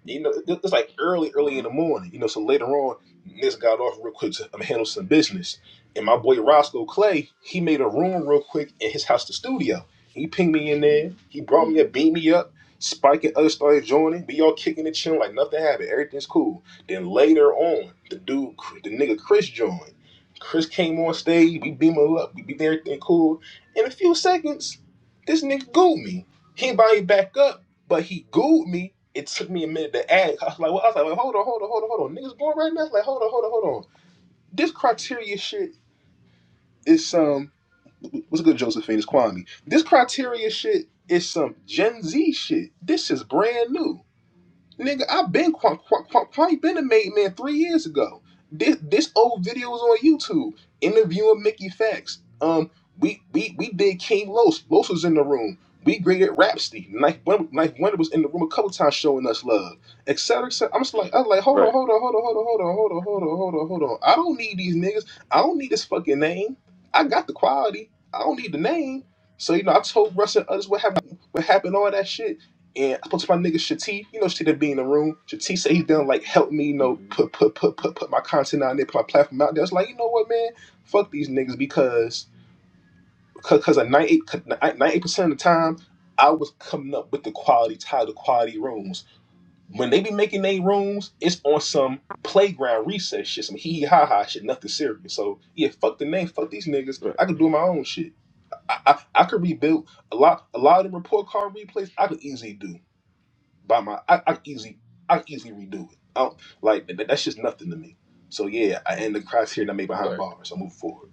Speaker 3: You know, it- it's like early, early in the
Speaker 2: Mm-hmm.
Speaker 3: morning. You know, so later on, Miss got off real quick to um, handle some business, and my boy Roscoe Clay, he made a room real quick in his house, the studio. He pinged me in there. He brought me
Speaker 2: hmm
Speaker 3: up, beat me up. Spike and others started joining. We all kicking and chilling like nothing happened. Everything's cool. Then later on, the dude, the nigga Chris joined. Chris came on stage. We beam him up. We beat everything cool. In a few seconds, this nigga gooed me. He ain't me back up, but he gooed me it took me a minute to ask. I was like, well, I was like, well, hold on, hold on, hold on, hold on. Niggas going right now. It's like, hold on, hold on, hold on. This criteria shit is some um, what's good, Josephine? It's Kwame. This criteria shit is some Gen Z shit. This is brand new. Nigga, I've been Quan, Quan, been a made man three years ago. This this old video was on YouTube. Interviewing Mickey Facts. Um, we we we did King Los. Los was in the room. We graded Rhapsody. Knife Wonder, Knife Wonder was in the room a couple times showing us love, et cetera, et cetera. I'm just like, I was like, hold on,
Speaker 2: Right.
Speaker 3: hold on, hold on, hold on, hold on, hold on, hold on, hold on, hold on. I don't need these niggas. I don't need this fucking name. I got the quality. I don't need the name. So you know, I told Russ and others what happened, what happened, all that shit. And I spoke to my nigga Shatif. You know Shatif that be in the room. Shatif said he done like help me, you know,
Speaker 2: Mm-hmm.
Speaker 3: put put put put put my content out there, put my platform out there. It's like you know what, man, fuck these niggas because because a ninety eight percent of the time I was coming up with the quality title, the quality rooms. When they be making their rooms, it's on some playground recess shit, some hee hee ha ha shit, nothing serious. So yeah, fuck the name, fuck these niggas.
Speaker 2: Right.
Speaker 3: I could do my own shit. I, I, I could rebuild a lot a lot of them report card replays I could easily do by my I, I can easily I can easily redo it. I don't, like that, that's just nothing to me. So yeah, I, end the criteria I made behind
Speaker 2: Right.
Speaker 3: bars. I move forward.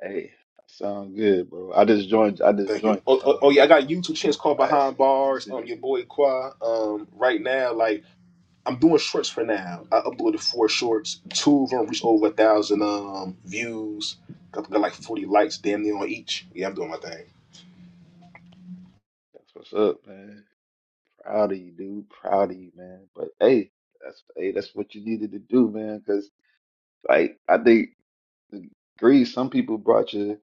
Speaker 2: Hey, that sound good, bro. I just joined. I just
Speaker 3: Thank you.
Speaker 2: joined
Speaker 3: Oh,
Speaker 2: the
Speaker 3: oh, oh
Speaker 2: um
Speaker 3: yeah, I got a
Speaker 2: joined the
Speaker 3: YouTube channel
Speaker 2: room.
Speaker 3: called
Speaker 2: I had
Speaker 3: Behind
Speaker 2: sent
Speaker 3: Bars.
Speaker 2: sent
Speaker 3: Um, your
Speaker 2: you.
Speaker 3: boy Qua. Um, right now, like I'm doing shorts for now. I uploaded four shorts. Two of them reached over a thousand um views. Got, got like 40 likes damn near on each. Yeah, I'm doing my thing.
Speaker 2: That's what's up, man. Proud of you, dude. Proud of you, man. But hey, that's hey, that's what you needed to do, man. Because like I think the greed. Some people brought you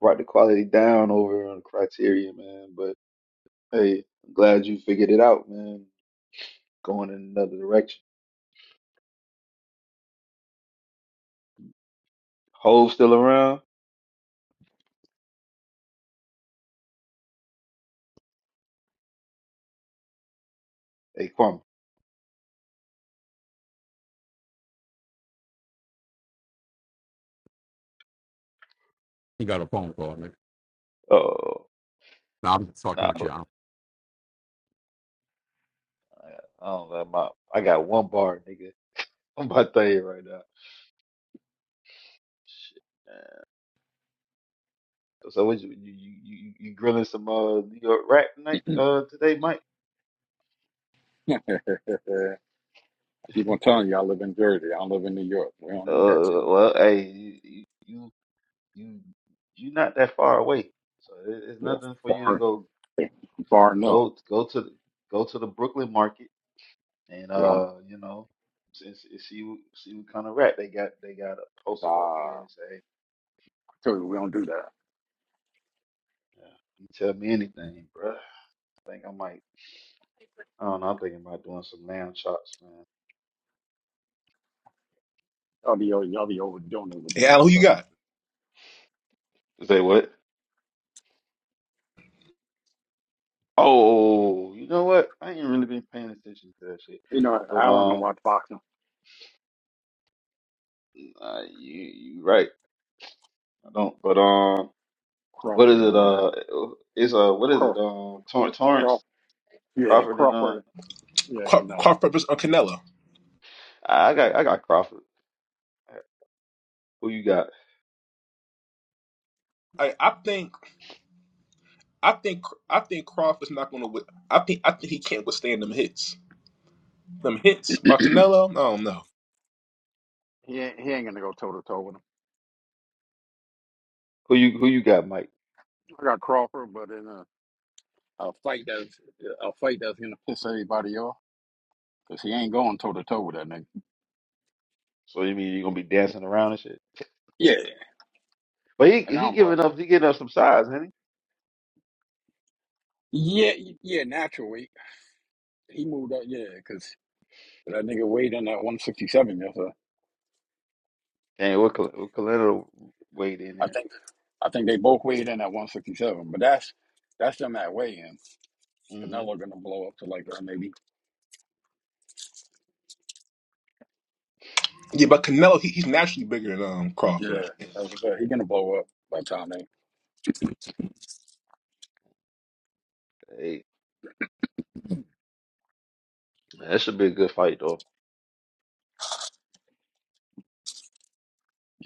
Speaker 2: brought the quality down over on the criteria, man. But hey, I'm glad you figured it out, man. Going in another direction. Hove still around? Hey, Kwame.
Speaker 1: You got a phone call, nigga.
Speaker 2: Oh,
Speaker 1: Nah, I'm just fucking
Speaker 2: nah,
Speaker 1: with
Speaker 2: but
Speaker 1: you.
Speaker 2: I don't know. My I got one bar, nigga. I'm about to tell you right now. Shit, man. So what you you you you you grilling some uh New York rap night uh today, Mike?
Speaker 1: I keep on telling you, I live in Jersey. I live in New York. We don't eat that shit.
Speaker 2: Uh, well, hey, you you you you you not that far away, so it, it's
Speaker 1: Yeah,
Speaker 2: nothing for you to
Speaker 1: far,
Speaker 2: go
Speaker 1: far enough.
Speaker 2: go go to the- go to the Brooklyn market and
Speaker 1: Yeah, I'm,
Speaker 2: uh you know and see see what see what kind of rap they got they got
Speaker 1: uh,
Speaker 2: posted up there
Speaker 1: I
Speaker 2: and say hey,
Speaker 1: told you we don't do that.
Speaker 2: yeah, you tell me anything, bruh. I think I might I don't know. I'm thinking about doing some lamb chops, man.
Speaker 1: Y'all be, over. y'all be overdoing it with the
Speaker 3: Hey
Speaker 1: name
Speaker 3: Alan, who you
Speaker 1: stuff.
Speaker 3: got?
Speaker 2: Say what? Oh, you know what? I ain't really been paying attention to that shit.
Speaker 1: You know, I
Speaker 2: But
Speaker 1: don't know
Speaker 2: um,
Speaker 1: why boxing.
Speaker 2: uh, you you right. I don't. But um, what
Speaker 1: Crawford
Speaker 2: is
Speaker 1: gonna
Speaker 2: it?
Speaker 1: win that.
Speaker 2: Uh, it's uh, what is it?
Speaker 1: Craw,
Speaker 2: Um, Tor-
Speaker 1: Craw,
Speaker 2: Torrance
Speaker 1: yeah,
Speaker 2: Crawford and uh,
Speaker 1: Crawford, yeah,
Speaker 3: Qua, Qua
Speaker 1: Canelo.
Speaker 3: Purpose or Canelo?
Speaker 2: I got I got Crawford. Who you got?
Speaker 3: I I think. I think I think Crawford's not going to. I think I think he can't withstand them hits. Them hits by Canelo. I don't know.
Speaker 1: He ain't, he ain't gonna go toe to toe with him.
Speaker 2: Who you who you got, Mike?
Speaker 1: I got Crawford, but in a, a fight that's a fight that's gonna piss everybody off, cause he ain't going toe to toe with that nigga.
Speaker 2: So you mean you gonna be dancing around and shit?
Speaker 1: Yeah,
Speaker 2: But he
Speaker 1: and I
Speaker 2: he
Speaker 1: don't blame.
Speaker 2: giving up. He getting up some size, ain't he?
Speaker 1: Yeah, yeah, naturally. He moved up, yeah, because that nigga weighed in at one sixty seven. Yes, sir.
Speaker 2: And what Cal- what Kalina weighed in
Speaker 1: I
Speaker 2: there.
Speaker 1: think, I think they both weighed in at one sixty seven. But that's that's them at weigh in because
Speaker 2: Mm-hmm.
Speaker 1: now they're gonna blow up to like uh, maybe
Speaker 3: Yeah, but Canelo he, he's naturally bigger than um, Crawford.
Speaker 1: yeah.
Speaker 3: I think.
Speaker 1: As I said, he gonna blow up by the time they.
Speaker 2: Hey, that should be a good fight though.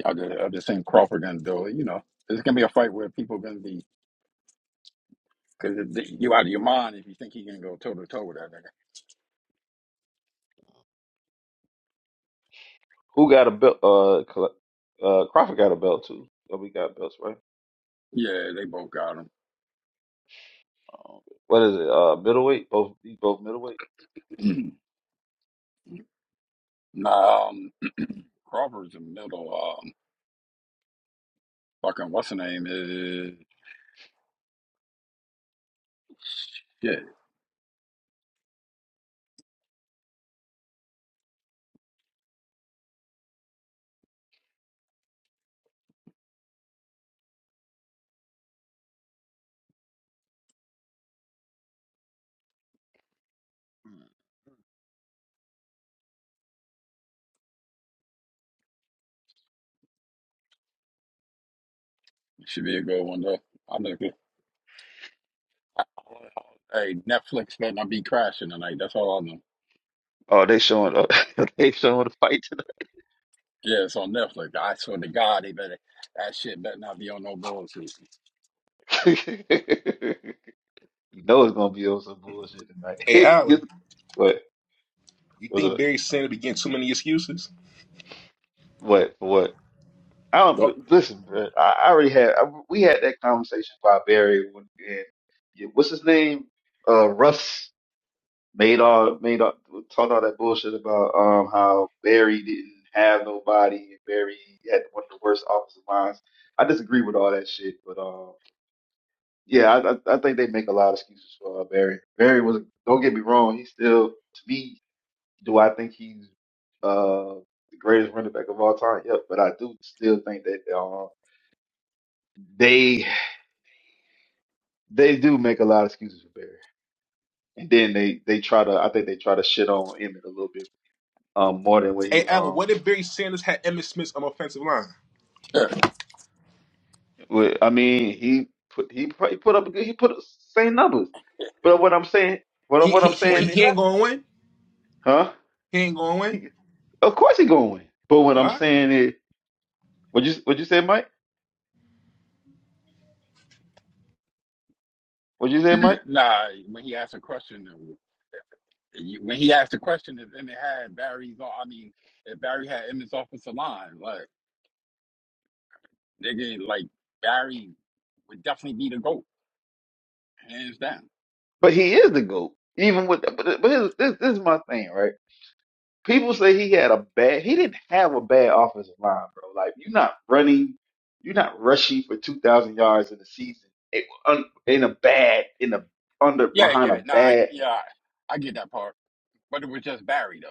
Speaker 1: I just, I just think Crawford gonna do it. You know, it's gonna be a fight where people gonna be because you out of your mind if you think he can go toe to toe with that nigga.
Speaker 2: Who got a belt? Uh, Cl- uh, Crawford got a belt too. So we got belts, right?
Speaker 1: Yeah, they both got
Speaker 2: Um, what is it? Uh, middleweight. Both these both middleweight.
Speaker 1: him. nah, um, Crawford's in the middle. Um, fucking what's the name is. Yeah,
Speaker 2: Hmm.
Speaker 1: should be a good one though. I know. Hey, Netflix better not be crashing tonight. That's all I know.
Speaker 2: Oh, they showing up. they showing the fight
Speaker 1: Yeah, it's on Netflix. I swear to God, they better that shit better not be on no bullshit.
Speaker 2: tonight. you know it's gonna be on some bullshit tonight.
Speaker 3: Hey Allen,
Speaker 2: what
Speaker 3: you
Speaker 2: was
Speaker 3: think
Speaker 2: it?
Speaker 3: Barry Sanders be getting too many excuses?
Speaker 2: What for what? I don't
Speaker 3: No.
Speaker 2: but listen, bro. I, I already had. I, we had that conversation about Barry when and yeah, what's his name? Uh, Russ. made all made all talked all that bullshit about um how Barry didn't have nobody and Barry had one of the worst offensive lines. I disagree with all that shit, but um yeah, I I, I think they make a lot of excuses for uh, Barry. Barry was don't get me wrong, he's still to me do I think he's uh the greatest running back of all time? Yep, but I do still think that um they they do make a lot of excuses for Barry. And then they they try to I think they try to shit on Emmett a little bit um more than what
Speaker 3: Hey
Speaker 2: he
Speaker 3: Allen,
Speaker 2: um
Speaker 3: what if Barry Sanders had Emmitt Smith on the offensive line?
Speaker 1: when
Speaker 2: Well, I mean, he put he put, he put up a good- he put up same numbers. But what I'm saying, what
Speaker 3: He
Speaker 2: what
Speaker 3: he
Speaker 2: I'm
Speaker 3: he he,
Speaker 2: saying, is-
Speaker 3: he
Speaker 1: you,
Speaker 3: ain't going to win.
Speaker 2: huh?
Speaker 3: He ain't going to win.
Speaker 2: He- of course he gonna win. But what
Speaker 3: All
Speaker 2: I'm
Speaker 3: right.
Speaker 2: saying is, what you what you say, Mike? What you say, Mike?
Speaker 1: nah, when he asked a question, you- when he asked a question, if Emmett had Barry's, on- I mean, if Barry had Emmett's offensive line, like nigga, like Barry would definitely be the goat, hands down.
Speaker 2: But he is the goat, even with. But, but his, this this is my thing, right? People say he had a bad. He didn't have a bad offensive line, bro. Like you're not running, you're not rushing for two thousand yards in the season. It, un, in a bad, in a under
Speaker 1: Yeah, yeah,
Speaker 2: behind a
Speaker 1: nah,
Speaker 2: bad.
Speaker 1: yeah, I get that part, but it was just Barry though.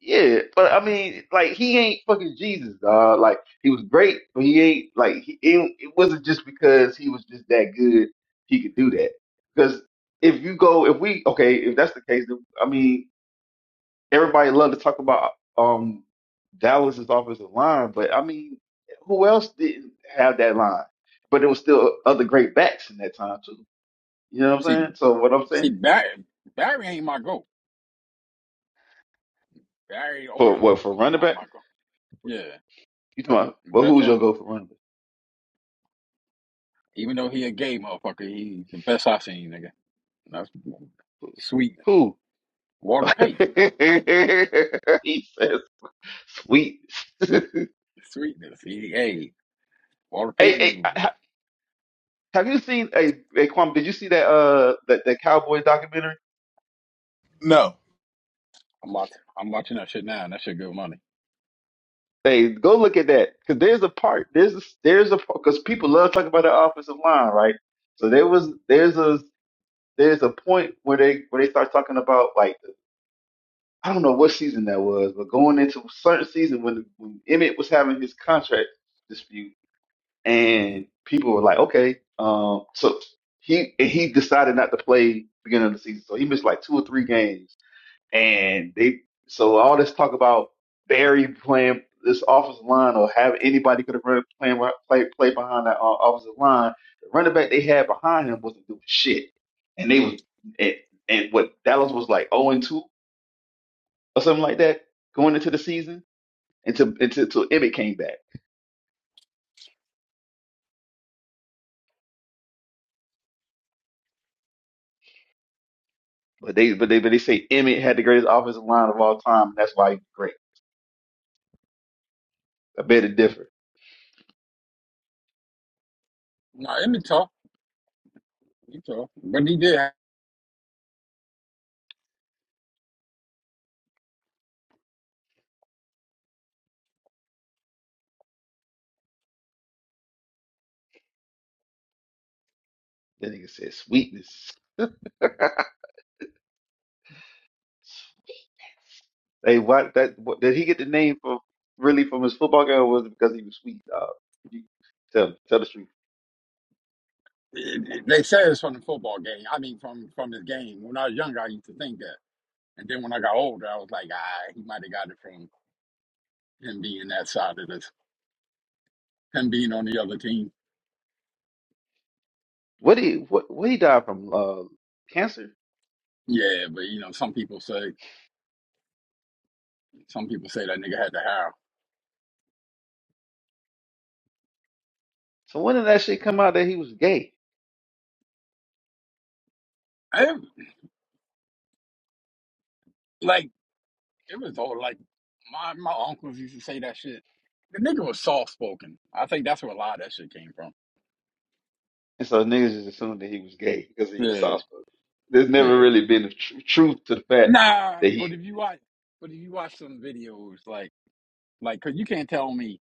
Speaker 2: Yeah, but I mean, like he ain't fucking Jesus, dog. Like he was great, but he ain't like he. It, it wasn't just because he was just that good he could do that. Because if you go, if we okay, if that's the case, then, I mean, everybody loved to talk about um Dallas's offensive line, but I mean, who else didn't have that line? But there was still other great backs in that time too. You know what I'm
Speaker 1: See,
Speaker 2: saying? So what I'm
Speaker 1: see,
Speaker 2: saying
Speaker 1: Barry, Barry ain't my goat. Barry
Speaker 2: for
Speaker 1: Orton
Speaker 2: what
Speaker 1: is
Speaker 2: for
Speaker 1: m-
Speaker 2: running
Speaker 1: not
Speaker 2: back?
Speaker 1: Michael. Yeah,
Speaker 2: You talking about? Well, who's
Speaker 1: veteran.
Speaker 2: your go for running back?
Speaker 1: Even though he a gay motherfucker, he the best i seen, nigga. That's sweetness.
Speaker 2: Who?
Speaker 1: Walter Payton,
Speaker 2: he says, "Sweet." hey,
Speaker 1: sweetness. He, hey, Walter
Speaker 2: hey,
Speaker 1: Payton.
Speaker 2: ha- have you seen a hey, hey, Kwame? Did you see that uh that, that cowboy documentary?
Speaker 3: No,
Speaker 1: I'm watching. I'm watching that shit now, and that shit good money.
Speaker 2: Hey, go look at that because there's a part there's a, there's a because people love talking about the offensive line, right? So there was there's a there's a point where they where they start talking about like I don't know what season that was, but going into a certain season when when Emmett was having his contract dispute and people were like, okay, um, so he and he decided not to play beginning of the season, so he missed like two or three games, and they so all this talk about Barry playing this offensive line or have anybody could have run playing play play behind that uh, offensive line, the running back they had behind him wasn't doing shit, and they was and, and what Dallas was like zero and two or something like that going into the season until until, until Emmett came back. But they but they but they say Emmett had the greatest offensive line of all time, and that's why he's great. I bet it differ.
Speaker 1: No, it was tough. It was tough, but he did. Have,
Speaker 2: That nigga said sweetness. Hey, what that what, did he get the name from really from his football game or was it because he was sweet? Uh, you tell tell the truth.
Speaker 1: it, it- they said it's from the football game. I mean, from from his game. When I was younger, I used to think that, and then when I got older, I was like, ah, he might have got it from him being that side of this, him being on the other team.
Speaker 2: What he what what he died from uh cancer.
Speaker 1: Yeah, but you know, some people say. Some people say that nigga had to howl.
Speaker 2: So when did that shit come out that he was gay?
Speaker 1: I like it was all like my my uncles used to say that shit. The nigga was soft spoken. I think that's where a lot of that shit came from.
Speaker 2: And so niggas just assumed that he was gay because he was
Speaker 1: Yeah,
Speaker 2: soft spoken. There's never
Speaker 1: yeah.
Speaker 2: really been a tr- truth to the fact
Speaker 1: Nah,
Speaker 2: that
Speaker 1: but
Speaker 2: he.
Speaker 1: if you watch, but if you watch some videos like like, cause you can't tell me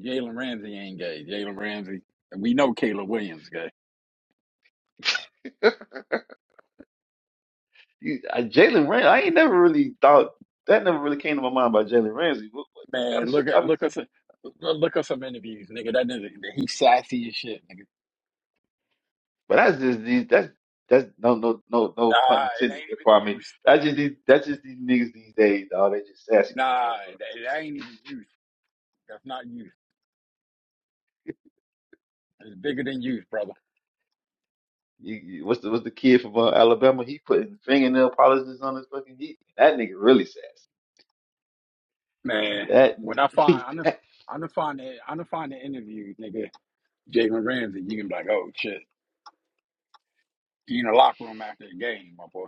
Speaker 1: Jalen Ramsey ain't gay. Jalen Ramsey, we know Caleb Williams gay.
Speaker 2: You, I, Jalen Ramsey. I ain't never really thought that never really came to my mind about Jalen Ramsey. What, what, what kind of
Speaker 1: Man,
Speaker 2: shit
Speaker 1: look at
Speaker 2: y'all be
Speaker 1: look
Speaker 2: saying?
Speaker 1: us look us some interviews, nigga. That nigga, he sassy as shit, nigga.
Speaker 2: But that's just these. That's that's no no no no pun
Speaker 1: Nah, it
Speaker 2: intended.
Speaker 1: ain't even the
Speaker 2: Kwame.
Speaker 1: use.
Speaker 2: That's just these. That's just these niggas these days. Dog. They just sassy like that,
Speaker 1: Nah,
Speaker 2: bro.
Speaker 1: that, that ain't even use. That's not use. It's bigger than you, brother.
Speaker 2: You, you, what's the what's the kid from uh, Alabama? He putting fingernail polishes on his fucking heat. That nigga really sassy.
Speaker 1: Man,
Speaker 2: That,
Speaker 1: when I find
Speaker 2: he,
Speaker 1: I'm the
Speaker 2: that
Speaker 1: I'm the find the I'm gonna find the interview, nigga, Jalen Ramsey, you can be like, oh shit. He in the locker room after the game, my boy.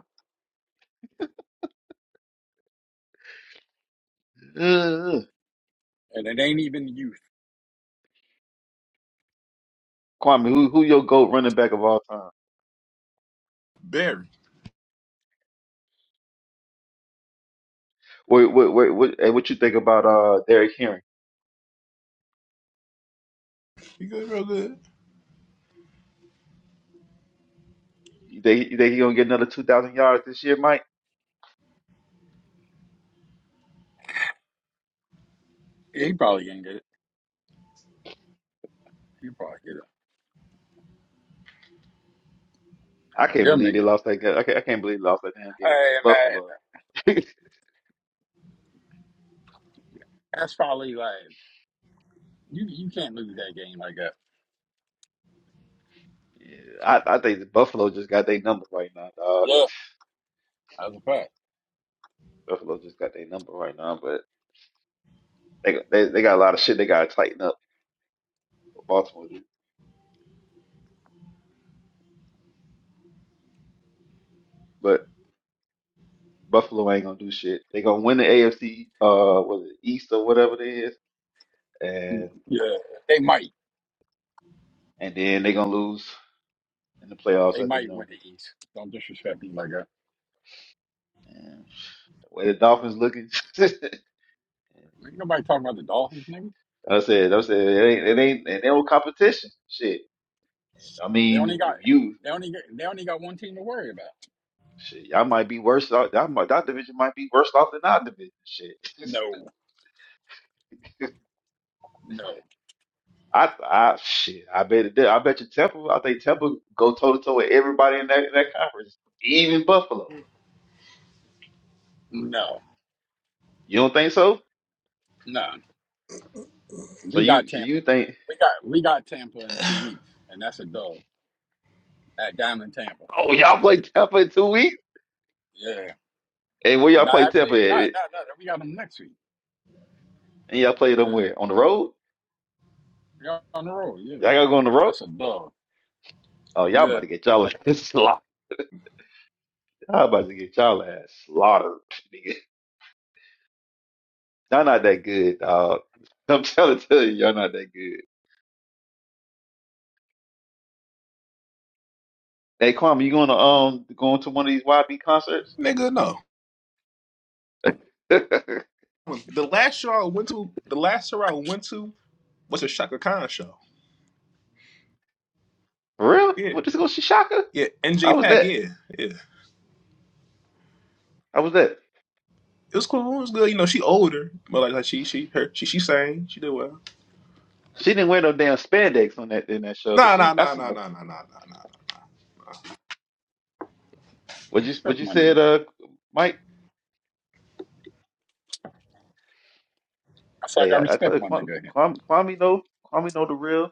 Speaker 2: uh,
Speaker 1: And it ain't even the youth.
Speaker 2: Kwame, who who your goat running back of all time?
Speaker 3: Barry.
Speaker 2: What what what what, and what you think about uh Derrick Henry?
Speaker 3: He good, real good.
Speaker 2: You think you think he gonna get another two thousand yards this year, Mike?
Speaker 1: He probably can get it. He probably get it.
Speaker 2: I can't
Speaker 1: Them
Speaker 2: believe they
Speaker 1: niggas.
Speaker 2: lost that game. I can't, I can't believe they lost that damn game
Speaker 1: Hey
Speaker 2: against
Speaker 1: man,
Speaker 2: Buffalo. yeah,
Speaker 1: that's probably like you you can't lose that game like that.
Speaker 2: I, I think that Buffalo just got their number right now, dog.
Speaker 1: Yeah. That's a fact.
Speaker 2: Buffalo just got their number right now, but they they they got a lot of shit they gotta tighten up. What Baltimore do, but Buffalo ain't gonna do shit. They gonna win the AFC, uh, was it East or whatever it is, and
Speaker 1: Yeah. They might.
Speaker 2: and then they gonna lose in the playoffs
Speaker 1: They
Speaker 2: as they
Speaker 1: might win.
Speaker 2: normally do.
Speaker 1: Don't disrespect me like that.
Speaker 2: And the way the Dolphins looking.
Speaker 1: Ain't nobody talking about the Dolphins, nigga.
Speaker 2: I said, I said, it ain't, it ain't, it ain't no competition. Shit. I
Speaker 1: They
Speaker 2: mean, if
Speaker 1: only got
Speaker 2: you,
Speaker 1: they only got, they only got one team to worry about.
Speaker 2: shit, y'all might be worse off. Y'all might, that division might be worse off than our division. Shit.
Speaker 1: No. No,
Speaker 2: I, I, shit. I bet it did. I bet you Temple. I think Temple go toe to toe with everybody in that in that conference, even Buffalo.
Speaker 1: no,
Speaker 2: You don't think so?
Speaker 1: no.
Speaker 2: So
Speaker 1: We got
Speaker 2: you, so
Speaker 1: Tampa.
Speaker 2: you think?
Speaker 1: We got we got Tampa in two weeks, and that's a dub at Diamond Tampa.
Speaker 2: Oh, y'all play Temple in two weeks?
Speaker 1: Yeah.
Speaker 2: And where y'all
Speaker 1: No,
Speaker 2: play
Speaker 1: actually,
Speaker 2: Temple
Speaker 1: no,
Speaker 2: at?
Speaker 1: no, no. We got them next week.
Speaker 2: And y'all play them
Speaker 1: Yeah,
Speaker 2: where? On the road?
Speaker 1: we are on the road. Yeah,
Speaker 2: Y'all gotta go on the road?
Speaker 1: that's a dub.
Speaker 2: Oh, y'all
Speaker 1: Yeah,
Speaker 2: about to get y'all a Y'all about to get y'all ass slaughtered, nigga. Y'all not that good, dog. I'm trying to tell you, y'all not that good. Hey, Kwame, you going to um going to one of these YB concerts?
Speaker 3: Nigga, no.
Speaker 2: For
Speaker 3: The last show I went to, the last show I went to was a Shaka Khan show.
Speaker 2: real? You
Speaker 3: Yeah.
Speaker 2: want to go see Shaka?
Speaker 3: Yeah,
Speaker 2: How
Speaker 3: NJ
Speaker 2: was
Speaker 3: Pack,
Speaker 2: that?
Speaker 3: yeah, yeah.
Speaker 2: How was that?
Speaker 3: It was cool. It was good. You know, she older, but like, like she she her she she sang. She did well.
Speaker 2: She didn't wear no damn spandex on that in that show because
Speaker 3: Nah nah
Speaker 2: she. I
Speaker 3: nah
Speaker 2: seen
Speaker 3: nah
Speaker 2: her.
Speaker 3: nah nah nah nah nah.
Speaker 1: I
Speaker 2: What you what
Speaker 1: respect
Speaker 2: you
Speaker 1: my nigga.
Speaker 2: said, uh, Mike?
Speaker 1: That's like
Speaker 2: Hey,
Speaker 1: I
Speaker 2: I, I tell
Speaker 1: respect
Speaker 2: you,
Speaker 1: my
Speaker 2: Kwame,
Speaker 1: nigga here.
Speaker 2: Kwame, Kwame know Kwame know the real.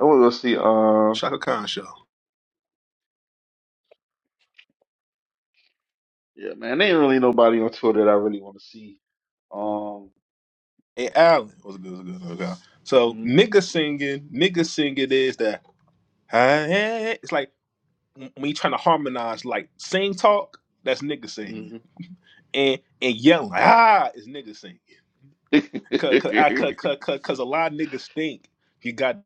Speaker 2: I want to go see. Um,
Speaker 3: Shaka Khan show.
Speaker 2: yeah, man, there ain't really nobody on tour that I really want to see. Um,
Speaker 3: Hey Allen was good. Was good. Was good. So
Speaker 2: mhm.
Speaker 3: nigga singing, nigga singing is that. Hey, hey, hey. it's like me trying to harmonize, like sing talk. That's nigga
Speaker 2: mhm.
Speaker 3: singing, and and yelling like, ah is nigga singing. Cause cause I- cause
Speaker 2: so
Speaker 3: cause, cause 'cause a lot of niggas think you got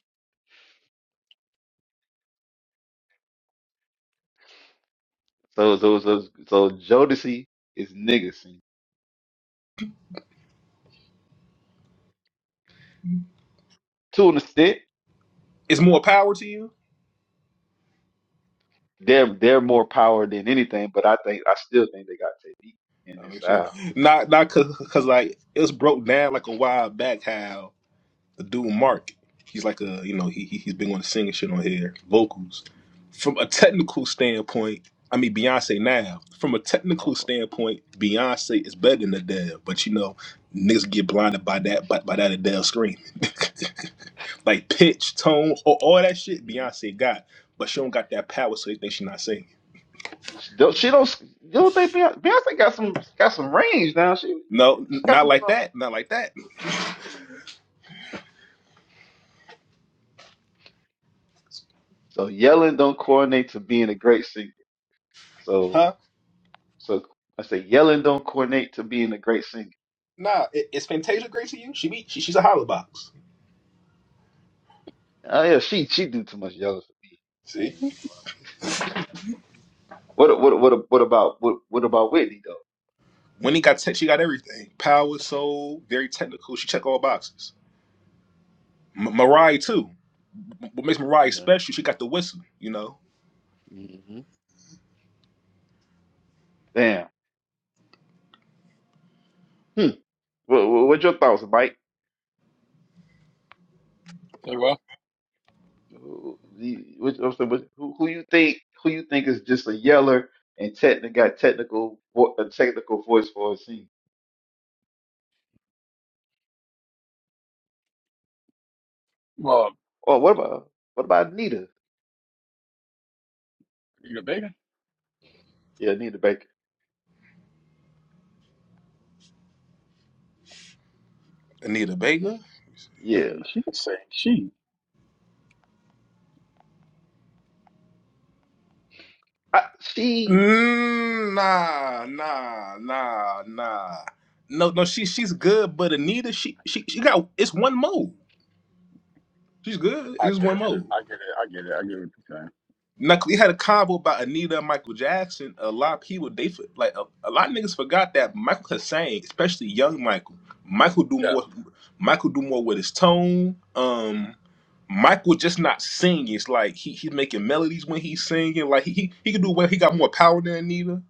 Speaker 2: so so so Jodeci is nigga singing. To an extent,
Speaker 3: it's more power to you
Speaker 2: they're they're more power than anything, but I think I still think they got technique in
Speaker 3: I
Speaker 2: this
Speaker 3: mean, sure.
Speaker 2: style.
Speaker 3: Not not cause, cause like it was broke down like a while back how the dude Mark, he's like a you know he he- he's been going to sing and shit on here vocals. From a technical standpoint, I mean Beyonce now. From a technical
Speaker 2: Uh-uh.
Speaker 3: standpoint, Beyonce is better than Adele, but you know niggas get blinded by that by, by that Adele scream. like pitch, tone, all, all that shit
Speaker 2: Mhm.
Speaker 3: Beyonce got, but she don't got that power, so they think she not singing.
Speaker 2: She don't she don't you don't think Beyonce, Beyonce got some got some range now. She she,
Speaker 3: No, n-
Speaker 2: she got
Speaker 3: not
Speaker 2: some
Speaker 3: like
Speaker 2: stuff.
Speaker 3: that, not like that,
Speaker 2: So yelling don't coordinate to being a great singer. So
Speaker 3: Huh?
Speaker 2: so I say yelling don't coordinate to being a great singer.
Speaker 3: Nah, i- is Fantasia great to you? She be she, she's a hollow box.
Speaker 2: Oh yeah, she she do too much yelling for me. I
Speaker 3: See,
Speaker 2: ain't gonna lie. What what what what about what what about Whitney
Speaker 3: Winnie got tech. She got everything. Power, soul, very technical. She check all boxes. M- Mariah too. What makes Mariah
Speaker 2: though?
Speaker 3: special? She got the whistle. You know,
Speaker 2: Yeah. hmm Damn. Hmm. What, what what's your thoughts, Mike?
Speaker 1: Say well,
Speaker 2: Who- the- What, I'm saying, what- who who you think who you think is just a yeller and techni- got technical vo- a technical voice for a scene?
Speaker 1: well,
Speaker 2: Oh, what about what about Anita?
Speaker 1: you a bigger?
Speaker 2: Yeah, Anita Baker.
Speaker 3: Anita Baker.
Speaker 1: Yeah,
Speaker 2: Yeah,
Speaker 1: she can sing. She,
Speaker 2: I, she
Speaker 3: Mm, nah, nah, nah, nah. No, no. She she's good, but Anita, she she she got it's one mode. She's good.
Speaker 1: I
Speaker 3: It's
Speaker 1: get
Speaker 3: one
Speaker 1: it.
Speaker 3: mode.
Speaker 1: I get it. I get it. I get what you're saying.
Speaker 3: Now we had a convo about Anita and Michael Jackson. A lot of people they for- like a, a lot of niggas forgot that Michael could sing, especially young Michael. Michael do
Speaker 1: Yes.
Speaker 3: more. Michael do more with his tone. Um, Michael just not singing. It's like he he's making melodies when he's singing. Like he he, he can do well. He got more power than Anita.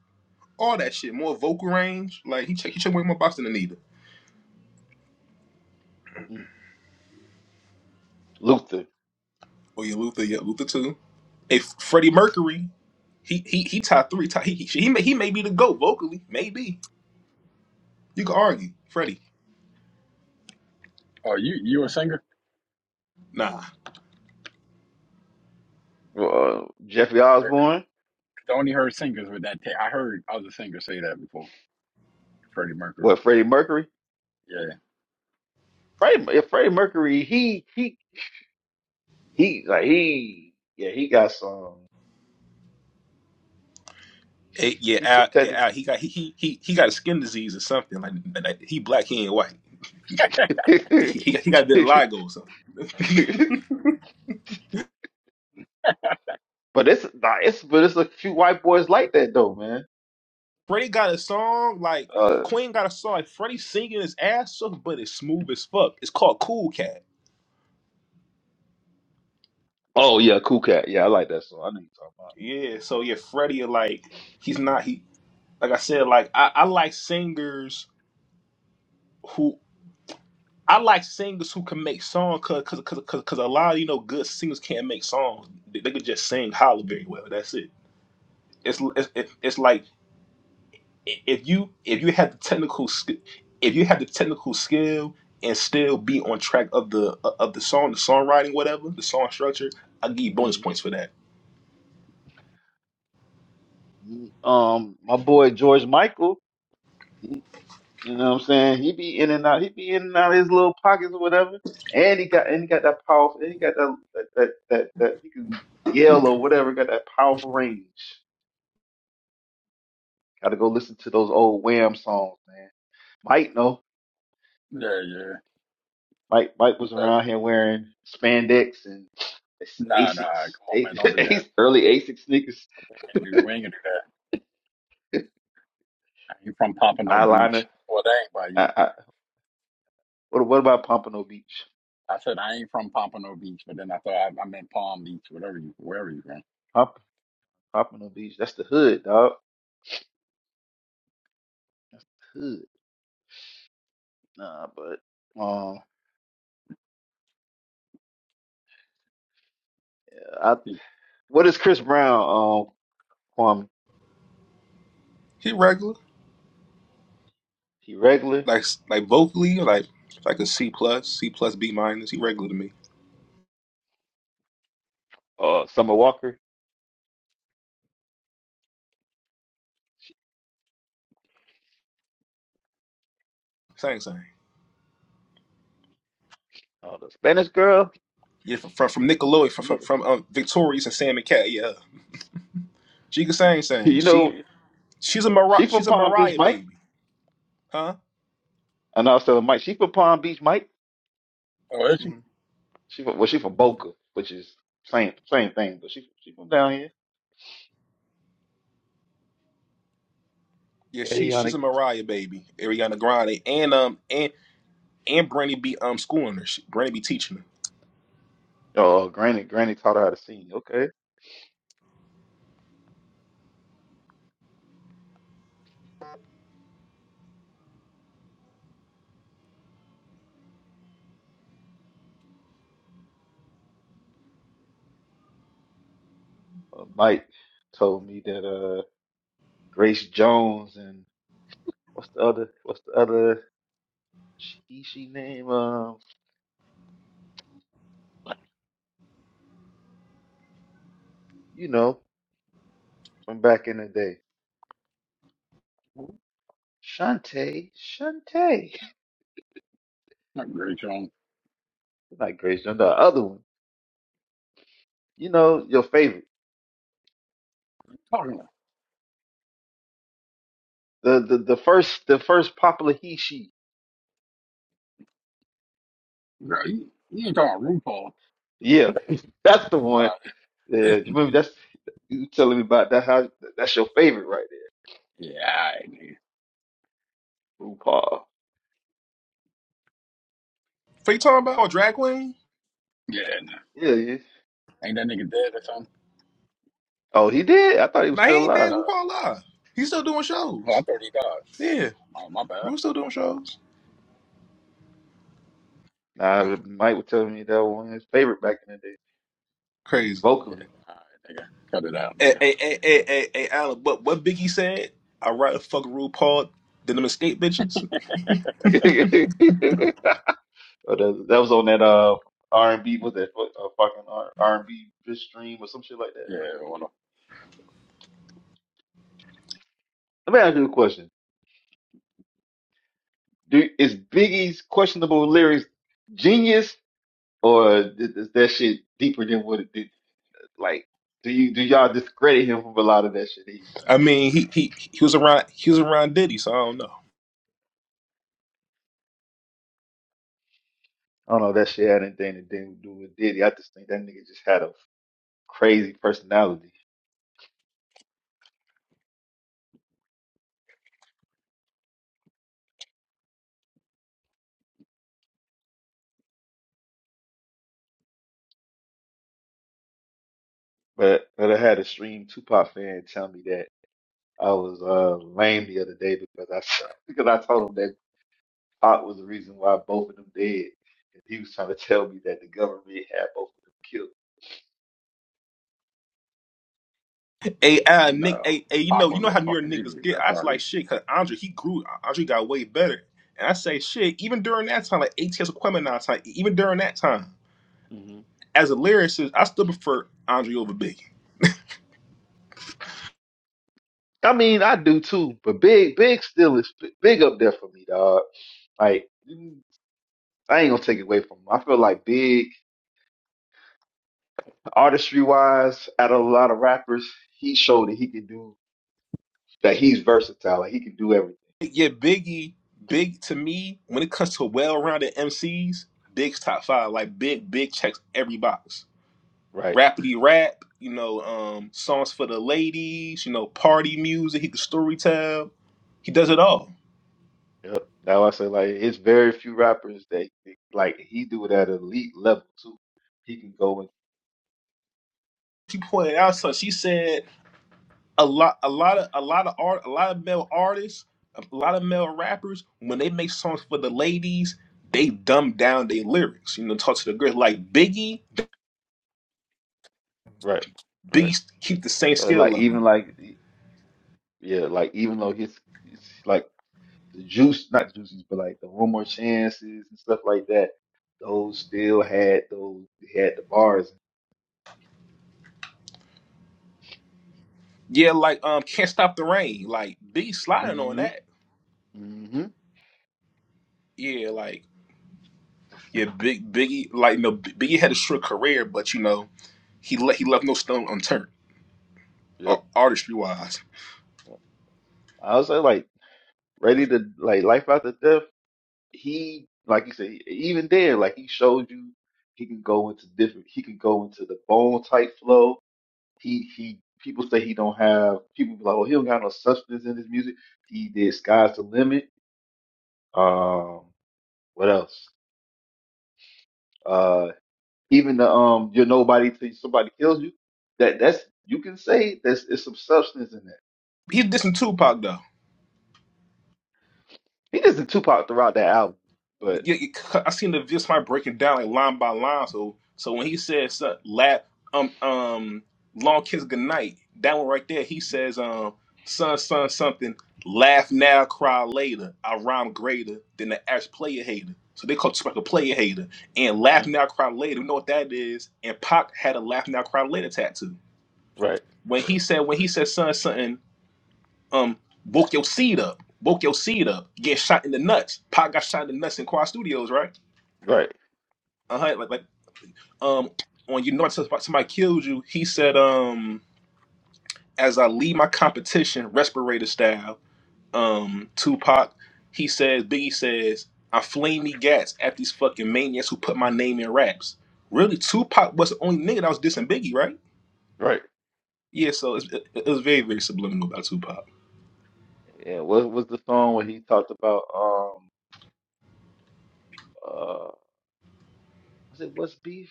Speaker 3: All that shit, more vocal range. Like he check he check way more box than Anita.
Speaker 2: mm Luther,
Speaker 3: Oh yeah, Luther. Yeah, Luther too. If Freddie Mercury, he he he top three. Top, he he he may he may be the goat vocally. Maybe you could argue Freddie.
Speaker 1: Oh, you you a singer?
Speaker 3: Nah.
Speaker 2: uh, Jeffrey
Speaker 1: Nick,
Speaker 2: Osborne,
Speaker 1: I only heard singers with that. Ta- I heard other singers say that before. Freddie Mercury.
Speaker 2: what Freddie Mercury?
Speaker 1: Yeah,
Speaker 2: Freddie, yeah, Freddie Mercury, he he he like he yeah he got some.
Speaker 3: Eh, yeah,
Speaker 2: He
Speaker 3: Al, eh,
Speaker 2: t-
Speaker 3: Al, he got he, he he he got a skin disease or something. Like, like he black, he ain't white.
Speaker 2: but
Speaker 3: He, he, he got a bit of vitiligo or something.
Speaker 2: it's nah, it's but it's a few white boys like that though, man.
Speaker 3: Freddie got a song like
Speaker 2: Uh
Speaker 3: Queen got a song like Freddie singing his ass off, but it's smooth as fuck. It's called Cool Cat.
Speaker 2: oh yeah, Cool Cat. Yeah, I like that song. I know
Speaker 3: Yeah, so yeah, Freddie like he's not he like I said like I, I like singers who I like singers who can make songs cause cause cause because a lot of you know good singers can't make songs. They, they could just sing holler very well. That's it. It's it's it- it's like if you if you had the technical sk- if you had the technical skill and still be on track of the of the song, the songwriting, whatever, the song structure, I give you
Speaker 2: you're
Speaker 3: bonus
Speaker 2: talking
Speaker 3: points for that.
Speaker 2: about. Mhm. Um, my boy George Michael. He, you know what I'm saying? He be in and out. He be in and out of his little pockets or whatever. And he got and he got that powerful. And he got that that that that, that he can yell or whatever. Got that powerful range. Got to go listen to those old Wham songs, man. Might know.
Speaker 1: yeah, yeah.
Speaker 2: Mike Mike was
Speaker 1: But
Speaker 2: around here wearing spandex and
Speaker 1: nah, nah,
Speaker 2: Asics,
Speaker 1: come on, man, don't do that.
Speaker 2: Asics early Asics sneakers,
Speaker 1: We ain't gonna do, we ain't gonna do that. I ain't from Pompano Beach.
Speaker 2: eyeliner.
Speaker 1: Well, that ain't by you.
Speaker 2: I, I, what what about Pompano Beach?
Speaker 1: I said I ain't from Pompano Beach, but then I thought I, I meant Palm Beach, whatever you, wherever you from.
Speaker 2: Pomp, Pompano Beach, that's the hood, dog. That's the hood. Nah, but um, I,
Speaker 1: See.
Speaker 2: what is Chris Brown? Um, Kwame,
Speaker 3: He regular,
Speaker 2: he regular?
Speaker 3: like like vocally, like like a C plus, C plus B minus. He regular to me.
Speaker 2: Uh, Summer Walker?
Speaker 3: Same same.
Speaker 2: Uh, the Spanish girl?
Speaker 3: Yeah, from from, from Nickelodeon, from
Speaker 2: You know,
Speaker 3: from, from um, Victorious and Sam and Cat. Yeah, she can sing, sing.
Speaker 2: you
Speaker 3: She
Speaker 2: know,
Speaker 3: she's a Mariah,
Speaker 2: she
Speaker 3: she's
Speaker 2: from
Speaker 3: a
Speaker 2: Palm Beach,
Speaker 3: Mariah
Speaker 2: Mike.
Speaker 3: baby, huh?
Speaker 2: And I was telling Mike, she from Palm Beach, Mike.
Speaker 1: Oh, is she?
Speaker 3: hmm
Speaker 2: She from, well, she from Boca, which is same same thing, but she she from down here.
Speaker 3: yeah, she she's
Speaker 2: Adiana,
Speaker 3: a Mariah baby, Ariana Grande, and um and and Brandy be um schooling her. She, Brandy be teaching her.
Speaker 2: oh, Granny, Granny taught her how to sing. Okay, uh, Mike told me that uh, Grace Jones and what's the other what's the other she she name um you know from back in the day Shantae Shantae
Speaker 1: Not great, Sean.
Speaker 2: not Grace Jones the other one you know your favorite
Speaker 1: Talking about,
Speaker 2: the the the first the first popular he she
Speaker 1: girl, you, you ain't talking about RuPaul.
Speaker 2: yeah that's the one
Speaker 1: Uh,
Speaker 2: Yeah, you remember that's you telling me about that how that's your favorite right
Speaker 1: yeah, I ain't, nigga.
Speaker 2: there, RuPaul.
Speaker 3: What you talking about? Oh, drag queen?
Speaker 1: Yeah, nah.
Speaker 2: Yeah, yeah.
Speaker 1: ain't that nigga dead or something?
Speaker 2: Oh, he did. I thought he was
Speaker 3: Nah,
Speaker 1: I
Speaker 3: he
Speaker 2: still
Speaker 3: ain't
Speaker 1: think he
Speaker 3: dead.
Speaker 2: alive.
Speaker 1: died.
Speaker 3: RuPaul live. He's still doing
Speaker 1: Oh, I
Speaker 3: shows.
Speaker 1: thought he died.
Speaker 3: Yeah,
Speaker 1: Oh, my bad.
Speaker 3: Ru's still doing shows.
Speaker 2: Nah, Mike was telling me that one of his favorite back in the day,
Speaker 3: Crazy.
Speaker 1: Yeah,
Speaker 2: vocally.
Speaker 1: all right, nigga, cut it out,
Speaker 3: Hey,
Speaker 1: nigga.
Speaker 3: hey, hey, hey, hey, hey Alan. What what Biggie said? I rather fuck RuPaul than them escape bitches.
Speaker 2: Oh, that, that was on that uh R and B was that uh, fucking R and B stream or some shit like that.
Speaker 1: Yeah,
Speaker 2: Let me ask you a question: Do is Biggie's questionable lyrics genius or is is that shit deeper than what it did? Like, do you do y'all discredit him for a lot of that shit that he was saying?
Speaker 3: I mean, he he he was around he was around Diddy, so I don't know.
Speaker 2: I don't know if that shit had anything to do do with Diddy. I just think that nigga just had a crazy personality. But but I had a stream Tupac fan tell me that I was uh, lame the other day because I because I told him that Pac was the reason why both of them dead, and he was trying to tell me that the government had both of them killed.
Speaker 3: Hey, Alan, Nick.
Speaker 1: No,
Speaker 3: Hey, hey, you know
Speaker 1: Pac
Speaker 3: you
Speaker 1: was
Speaker 3: know how
Speaker 1: a
Speaker 3: New York
Speaker 1: fucking
Speaker 3: niggas
Speaker 1: idiot.
Speaker 3: get.
Speaker 1: That's
Speaker 3: I was
Speaker 1: why
Speaker 3: like
Speaker 1: they.
Speaker 3: shit. Cause Andre he grew. Andre got way better. And I say shit. Even during that time, like ATS Aquemini time. Even during that time.
Speaker 2: hmm
Speaker 3: as a lyricist, I still prefer Andre over Biggie.
Speaker 2: I mean, I do too, but Big Big still is big up there for me, dog. Like mm, I ain't gonna take it away from him. I feel like Big artistry wise, out of a lot of rappers, he showed that he could do that he's versatile. Like he can do everything.
Speaker 3: Yeah, Biggie, Big to me, when it comes to well-rounded MCs, Big's top five. Like Big, Big checks every box.
Speaker 2: Right.
Speaker 3: Rapidy rap, you know, um, songs for the ladies, you know, party music. He can story tell. He does it
Speaker 2: Mhm.
Speaker 3: all.
Speaker 2: Yep. That's why I say like it's very few rappers that that- like he do it at elite level too. He can go and
Speaker 3: She pointed out something. She said a lot, a lot of, a lot of art, a lot of male artists, a lot of male rappers, when they make songs for the ladies, they dumb down their lyrics. You know, talk to the girls like Biggie
Speaker 2: right, right.
Speaker 3: Beast keep the same
Speaker 2: So
Speaker 3: skill
Speaker 2: like
Speaker 3: level.
Speaker 2: even like he- yeah, like even though his it's like the juice, not juices, but like the one more chances and stuff like that. Those still had those they had the bars.
Speaker 3: Yeah, like um, can't stop the rain. Like Biggie sliding on
Speaker 2: hmm
Speaker 3: that.
Speaker 2: hmm
Speaker 3: Yeah, like yeah, big Biggie. Like no, Biggie had a short career, but you know he le- he left no stone unturned, ar-
Speaker 2: Yep.
Speaker 3: artistry wise.
Speaker 2: I was like like ready to like life after death. he like you said even there like he showed you he can go into different he can go into the bone type flow he he people say he don't have people be like oh he don't got no substance in his music he did sky's the limit um what else uh even the um you're nobody till somebody kills you that that's you can say there's it's some substance in that
Speaker 3: He dissing Tupac though.
Speaker 2: he does the Tupac throughout that album but
Speaker 3: you, you, I seen the just my breaking down like line by line. So so when he says uh, la um um long kiss goodnight, that one right there, he says um son son something laugh now cry later. I rhyme greater than the average player hater. So they call Tupac a player hater and laugh
Speaker 2: Mm,
Speaker 3: now cry later. We know what that is. And Pac had a laugh now cry later tattoo.
Speaker 2: right
Speaker 3: When he
Speaker 2: right
Speaker 3: said when he said son something um woke your seed up, woke your seed up, get shot in the nuts. Pac got shot in the nuts in Quad Studios, right?
Speaker 2: right
Speaker 3: uh, like, like um when you know somebody killed you, he said, um, as I lead my competition, respirator style, um, Tupac, he says, Biggie says, I fling me gats at these fucking maniacs who put my name in raps. Really, Tupac was the only nigga that was dissing Biggie, right?
Speaker 2: right
Speaker 3: Yeah, so it's, it, it was very, very subliminal about Tupac.
Speaker 2: yeah what was the song where he talked about? um. uh was it what's beef?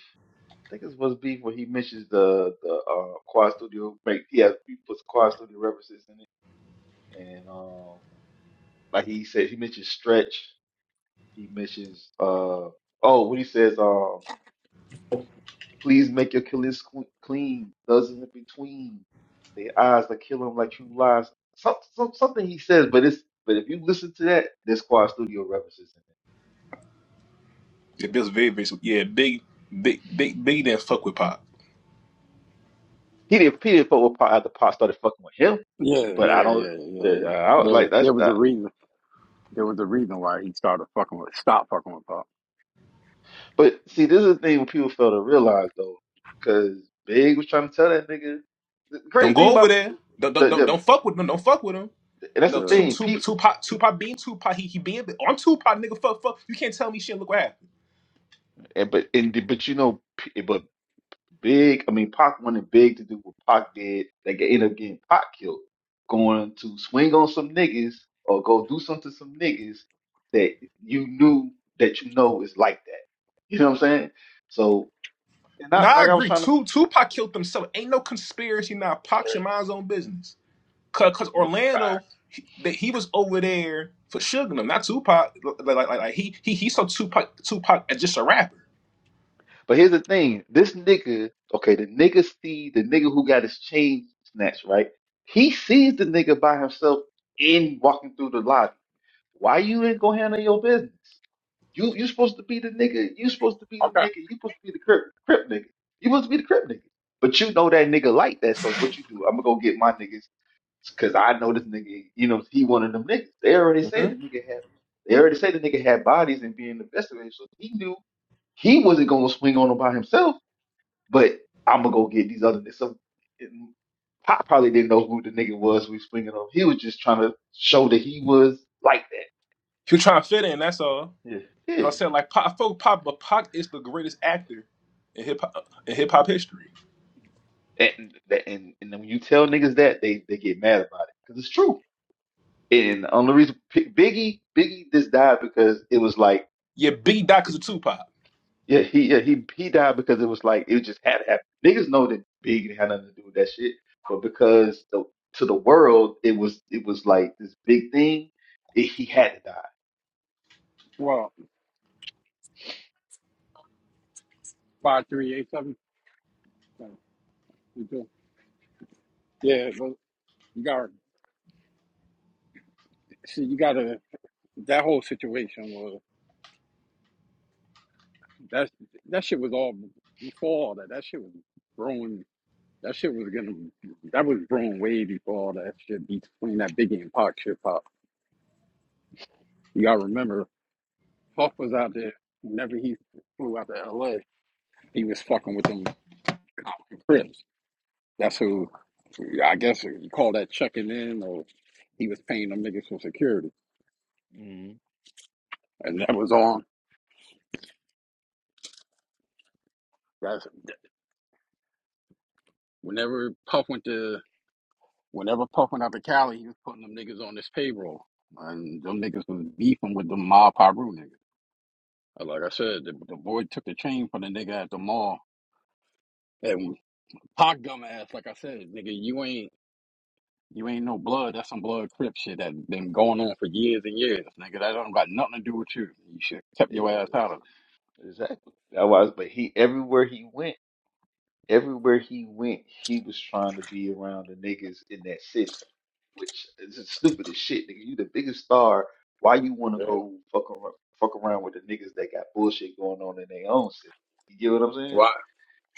Speaker 2: I think it's what's beef where he mentions the the uh, Quad Studio make yeah he puts Quad Studio references in it and um like he said he mentions stretch he mentions uh oh when he says um please make your killings cle- clean doesn't in between the eyes that kill him like true lies some, some something he says but it's but if you listen to that there's Quad Studio references in it
Speaker 3: Yeah, It was very, very, sub- yeah, big, big, big, Biggie didn't fuck with Pop.
Speaker 2: he didn't he didn't fuck with Pac after Pac started fucking with him
Speaker 1: Yeah,
Speaker 2: but I
Speaker 1: yeah,
Speaker 2: don't
Speaker 1: yeah, yeah,
Speaker 2: yeah,
Speaker 1: yeah.
Speaker 2: I was
Speaker 1: There,
Speaker 2: like
Speaker 1: there was
Speaker 2: that's.
Speaker 1: a reason. There was a reason why he started fucking with, stop fucking with Pac.
Speaker 2: But see, this is the thing people fail to realize though, because Big was trying to tell that nigga. The
Speaker 3: Don't
Speaker 2: crazy
Speaker 3: go
Speaker 2: thing
Speaker 3: over
Speaker 2: about
Speaker 3: there. Don't, don't,
Speaker 2: the,
Speaker 3: don't,
Speaker 2: the
Speaker 3: don't fuck with them. Don't fuck with him.
Speaker 2: and that's
Speaker 3: No,
Speaker 2: the
Speaker 1: Yeah,
Speaker 3: two,
Speaker 2: thing,
Speaker 3: two,
Speaker 2: Pete.
Speaker 3: Tupac, Tupac being Tupac, he, he being, oh, I'm Tupac, nigga, fuck, fuck. You can't tell me shit, look what happened.
Speaker 2: And but and the- but you know, P- but Big, I mean, Pac wanted Big to do what Pac did. They get- end up getting Pac killed, going to swing on some niggas or go do something to some niggas that you knew that you know is like that. You know what I'm saying? So and
Speaker 3: Nah,
Speaker 2: not
Speaker 3: I
Speaker 2: like I was
Speaker 3: agree.
Speaker 2: trying
Speaker 3: Two, Tupac killed himself. Ain't no conspiracy now. Pac
Speaker 1: there's
Speaker 3: should mind his own business. Cause cause
Speaker 2: to.
Speaker 3: Orlando,
Speaker 1: facts.
Speaker 3: he, that he was over there for Sugar him, not Tupac. Like, like, like, like he, he, he saw Tupac, Tupac as just a rapper.
Speaker 2: But here's the thing: this nigga, okay, the nigga see the nigga who got his chain snatched, right? He sees the nigga by himself in walking through the lobby. Why you ain't gonna handle your business? You you supposed to be the nigga. You supposed to be the
Speaker 1: Okay.
Speaker 2: nigga. You supposed to be the crip crip nigga. You supposed to be the crip nigga. But you know that nigga like that, so what you do? I'm gonna go get my niggas because I know this nigga. You know he one of them niggas. They already
Speaker 3: hmm
Speaker 2: said the nigga had. They already said the nigga had bodies and being investigated, so he knew he wasn't gonna swing on him by himself. But I'm gonna go get these other niggas. So and Pop probably didn't know who the nigga was we was swinging on. He was just trying to show that he was like
Speaker 3: He was trying to fit in, that's all.
Speaker 2: that. Yeah,
Speaker 3: That's what
Speaker 2: yeah.
Speaker 3: I said, like, Pac, I feel Pac, but Pac is the greatest actor in hip hop, in hip hop history.
Speaker 2: And and and when you tell niggas that, they they get mad about it because it's true. And the only reason Biggie Biggie just died because it was like
Speaker 3: Yeah, B died because of Tupac.
Speaker 2: yeah he yeah, he he died because it was like it just had to happen. Niggas know that Biggie had nothing to do with that shit, but because the, to the world it was it was like this big thing. It, he had to die.
Speaker 1: Well, five, three, eight, seven. Okay, you too. Yeah, but you got see, you got to that whole situation was that that shit was all before all that. That shit was brewing. That shit was gonna. That was brewing way before all that shit between that Biggie and Pac shit pop. You gotta remember Puff was out there whenever he flew out to LA, he was fucking with them Compton Crips. That's who I guess you call that checking in or he was paying them niggas for security.
Speaker 2: Mm-hmm.
Speaker 1: And that was on that's whenever Puff went to whenever Puff went out to Cali, he was putting them niggas on this payroll. And them niggas was beefing with the mob Piru niggas. Like I said, the, the boy took the chain from the nigga at the mall. And Pac gum like I said, nigga, you ain't You ain't no blood. That's some blood crip shit that been going on for years and years, nigga. That don't got nothing to do with you. You should kept
Speaker 2: Ex-
Speaker 1: your ass out of
Speaker 2: Exactly. That was, but he everywhere he went, everywhere he went, he was trying to be around the niggas in that city, which is the stupidest shit, nigga. You the biggest star. Why you want
Speaker 1: it.
Speaker 2: to
Speaker 1: Yeah.
Speaker 2: go fuck around, fuck around with the niggas that got bullshit going on in their own city? You get what I'm saying?
Speaker 1: Why?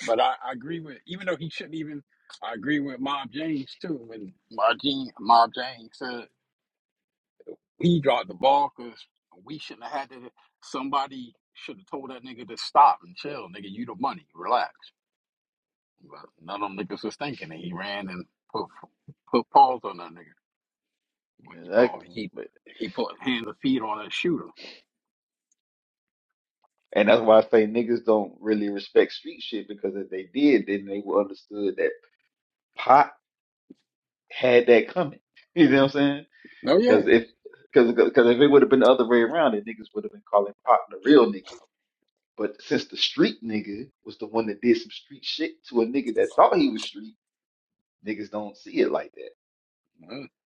Speaker 1: But I, I agree with, even though he shouldn't even, I agree with Mob James too. When Mob James, Mob James said he dropped the ball because we shouldn't have had to. Somebody should have told that nigga to stop and chill, nigga. You the money, relax. But none of them niggas was thinking, and he ran and put put paws on that nigga. But he put
Speaker 2: Exactly.
Speaker 1: he
Speaker 2: But
Speaker 1: he put hands and feet on that shooter.
Speaker 2: and that's why I say niggas don't really respect street shit because if they did, then they would understood that pot had that coming. You know what I'm saying?
Speaker 1: Oh yeah,
Speaker 2: Because if because because if it would have been the other way around, then niggas would have been calling Pop the real nigga. But since the street nigga was the one that did some street shit to a nigga that thought he was street, niggas don't see it like that,
Speaker 1: uh,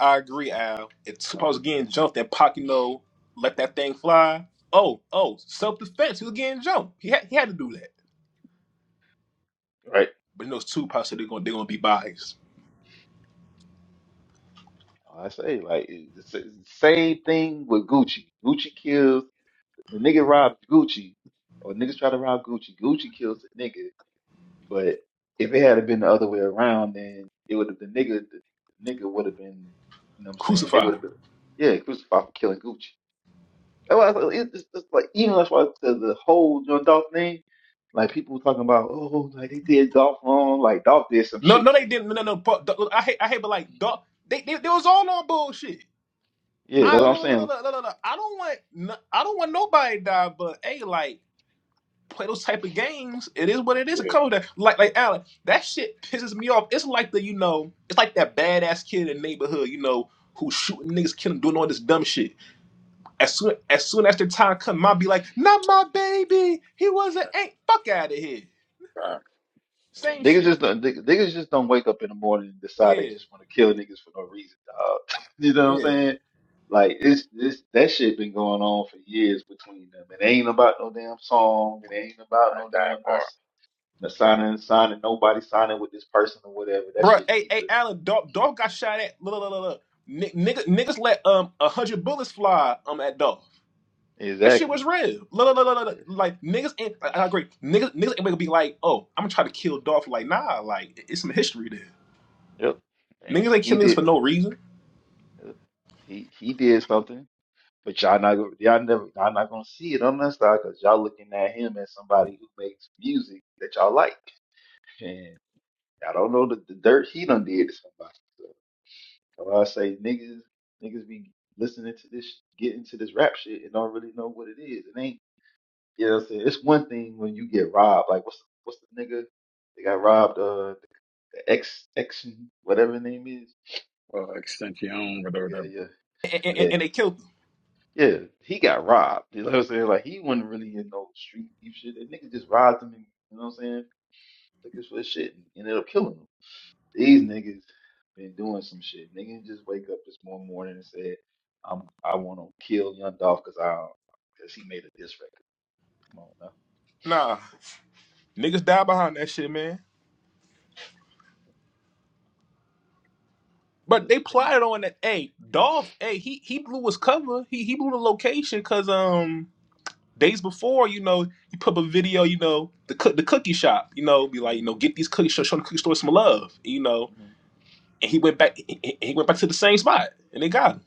Speaker 3: I agree, Al. It's
Speaker 1: uh,
Speaker 3: supposed to getting jumped and Pacino let that thing fly. Oh, oh, self defense. He was getting jumped. He had, he had to do that.
Speaker 2: right?
Speaker 3: But in those two parts, they're gonna they're gonna be biased.
Speaker 2: I say like it's the same thing with Gucci. Gucci kills the nigga robs Gucci, or niggas try to rob Gucci. Gucci kills the nigga. But if it had been the other way around, then it would have the nigga the nigga would have been. You know what I'm saying? They would
Speaker 3: Crucified.
Speaker 2: have been yeah crucified for killing Gucci. That's why I said, it's just, it's like even that's why I said the whole John Dolph thing, like people talking about, oh, like they did Dolph wrong, like Dolph did some
Speaker 3: No,
Speaker 2: shit
Speaker 3: no, they
Speaker 2: too.
Speaker 3: didn't. No, no. But, the- I hate I hate, but like dog, they, they they was all on bullshit.
Speaker 2: Yeah,
Speaker 3: I
Speaker 2: that's
Speaker 1: yeah.
Speaker 2: what I'm
Speaker 3: no, no, no,
Speaker 2: saying.
Speaker 3: no, no, no, no. I don't want no- I don't want nobody to die. But hey, like. play those type of games, it is what it is.
Speaker 1: Yeah,
Speaker 3: A couple of that, like like Alan, that shit pisses me off. It's like the you know, it's like that badass kid in the neighborhood, you know, who's shooting niggas, killing, doing all this dumb shit. As soon as soon as the time comes, mom be like, "Not my baby. He was an ain't fuck out of here."
Speaker 1: I,
Speaker 3: Same
Speaker 2: Niggas
Speaker 3: shit.
Speaker 2: just don't, niggas niggas just don't wake up in the morning and decide they
Speaker 3: Yeah,
Speaker 2: just want to kill niggas for no reason, dog. you know what I'm
Speaker 3: yeah.
Speaker 2: saying? Like it's this that shit been going on for years between them. It ain't about no damn song. It ain't about
Speaker 1: I
Speaker 2: no
Speaker 1: die
Speaker 2: damn not, s-
Speaker 1: for
Speaker 2: not signing, signing nobody signing with this person or whatever. That
Speaker 3: bro.
Speaker 2: shit
Speaker 3: hey, hey,
Speaker 2: deeper.
Speaker 3: Alan, dog, dog got shot at. Look, look, look, look. Ni- Nigga, niggas let um a hundred bullets fly um at dog. That shit was
Speaker 2: Exactly.
Speaker 3: real. Like niggas ain't. I, agree. Niggas, niggas ain't gonna be like, oh, I'm gonna try to kill Dolph. Like, nah, like it's some history there.
Speaker 2: Yep.
Speaker 3: Niggas
Speaker 2: And
Speaker 3: ain't kill
Speaker 2: he
Speaker 3: niggas
Speaker 2: did.
Speaker 3: for no reason,
Speaker 2: Uh, He he did something, but y'all not go- y'all never y'all not gonna see it on that side because y'all looking at him as somebody who makes music that y'all like, and y'all don't know the, the dirt he done did to somebody. So so I say niggas niggas be listening to this get into this rap shit and don't really know what it is. It ain't you know what I'm saying. It's one thing when you get robbed. Like what's what's the nigga they got robbed? Uh, the X X whatever his name is.
Speaker 1: uh, extension or whatever. That,
Speaker 2: Yeah
Speaker 3: and,
Speaker 2: yeah
Speaker 3: and, and they killed them.
Speaker 2: Yeah, he got robbed. You know what I'm saying? Like he wasn't really in no street beef shit. That nigga just robbed him. And, you know what I'm saying? Took his for his shit and ended up killing him. These niggas been doing some shit. Niggas just wake up this one morning and said, "I'm I want to kill Young Dolph because I because he made a diss record." Come on now.
Speaker 3: Nah, niggas die behind that shit, man.
Speaker 2: Yeah,
Speaker 3: But they plotted on that. Hey, Dolph. Hey, he he blew his cover. He he blew the location because um days before, you know, he put up a video. You know, the cook the cookie shop. You know, be like, you know,
Speaker 2: mhm,
Speaker 3: get these cookies. Show, show the cookie store some love. You know,
Speaker 2: mhm.
Speaker 3: and he went back. he he went back to the same spot, and they got him.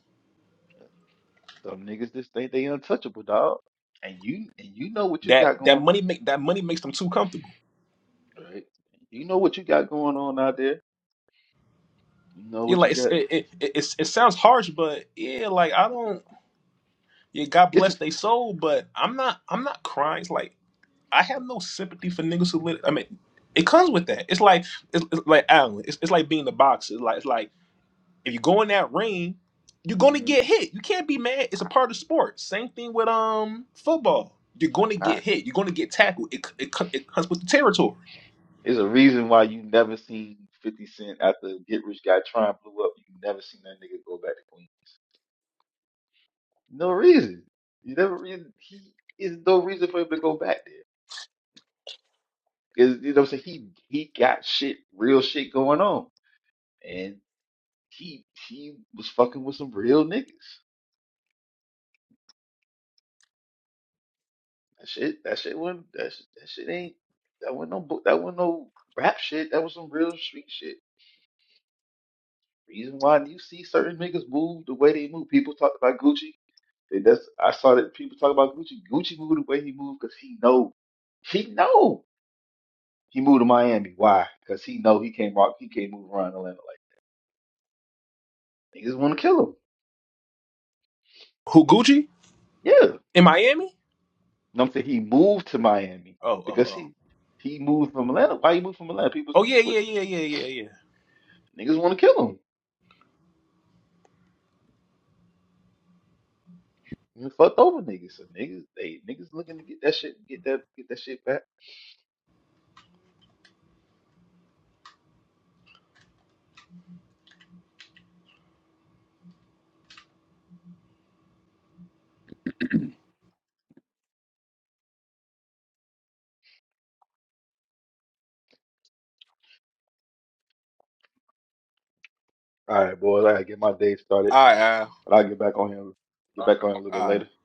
Speaker 2: Some niggas just think they untouchable, dog. And you and you know what you
Speaker 3: that
Speaker 2: got
Speaker 3: that
Speaker 2: going on,
Speaker 3: money make that money makes them too comfortable.
Speaker 2: right? You know what you got going on out there. You know
Speaker 3: Yeah,
Speaker 2: what you
Speaker 3: like it's,
Speaker 2: got.
Speaker 3: it, it it it's- it sounds harsh, but yeah, like I don't. Yeah, God
Speaker 2: It's.
Speaker 3: bless they soul, but I'm not I'm not crying. It's like I have no sympathy for niggas who live. I mean, it comes with that. It's like it's, it's like Alan. It's, it's like being the boxer. It's like it's like if you go in that ring, you're gonna
Speaker 2: Mhm.
Speaker 3: get hit. You can't be mad. It's a part of sport. Same thing with um football. You're gonna get hit. You're gonna get tackled. It c- it, c- it comes with the territory.
Speaker 2: There's a reason why you never seen 50 Cent after Get Rich Guy Trying blew up. You never seen that nigga go back to Queens. No reason. You never reason. He is no reason for him to go back there. Cause you know what I'm saying? He he got shit, real shit going on, and he he was fucking with some real niggas. That shit, that shit wasn't that shit, that shit ain't that wasn't no bu- that wasn't no rap shit. That was some real street shit. Reason why you see certain niggas move the way they move. People talked about Gucci. They- That's I saw that people talk about Gucci. Gucci moved the way he moved because he know he know he moved to Miami. Why? Because he know he can't walk. He can't move around Atlanta like niggas want to kill him.
Speaker 3: Who Gucci
Speaker 2: Yeah,
Speaker 3: in Miami?
Speaker 2: and I'm saying he moved to Miami
Speaker 3: Oh oh
Speaker 2: because
Speaker 3: oh.
Speaker 2: he he moved from Atlanta. Why he moved from Atlanta? People
Speaker 3: Oh
Speaker 2: see,
Speaker 3: yeah,
Speaker 2: but
Speaker 3: yeah, yeah, yeah, yeah, yeah.
Speaker 2: niggas want to kill him. He fucked over niggas. So niggas they niggas looking to get that shit get that get that shit back. All right, boys. I gotta get my day started.
Speaker 3: All right,
Speaker 2: But I'll get back on him.
Speaker 1: yeah.
Speaker 2: Get back on him a little bit
Speaker 3: all right.
Speaker 2: later.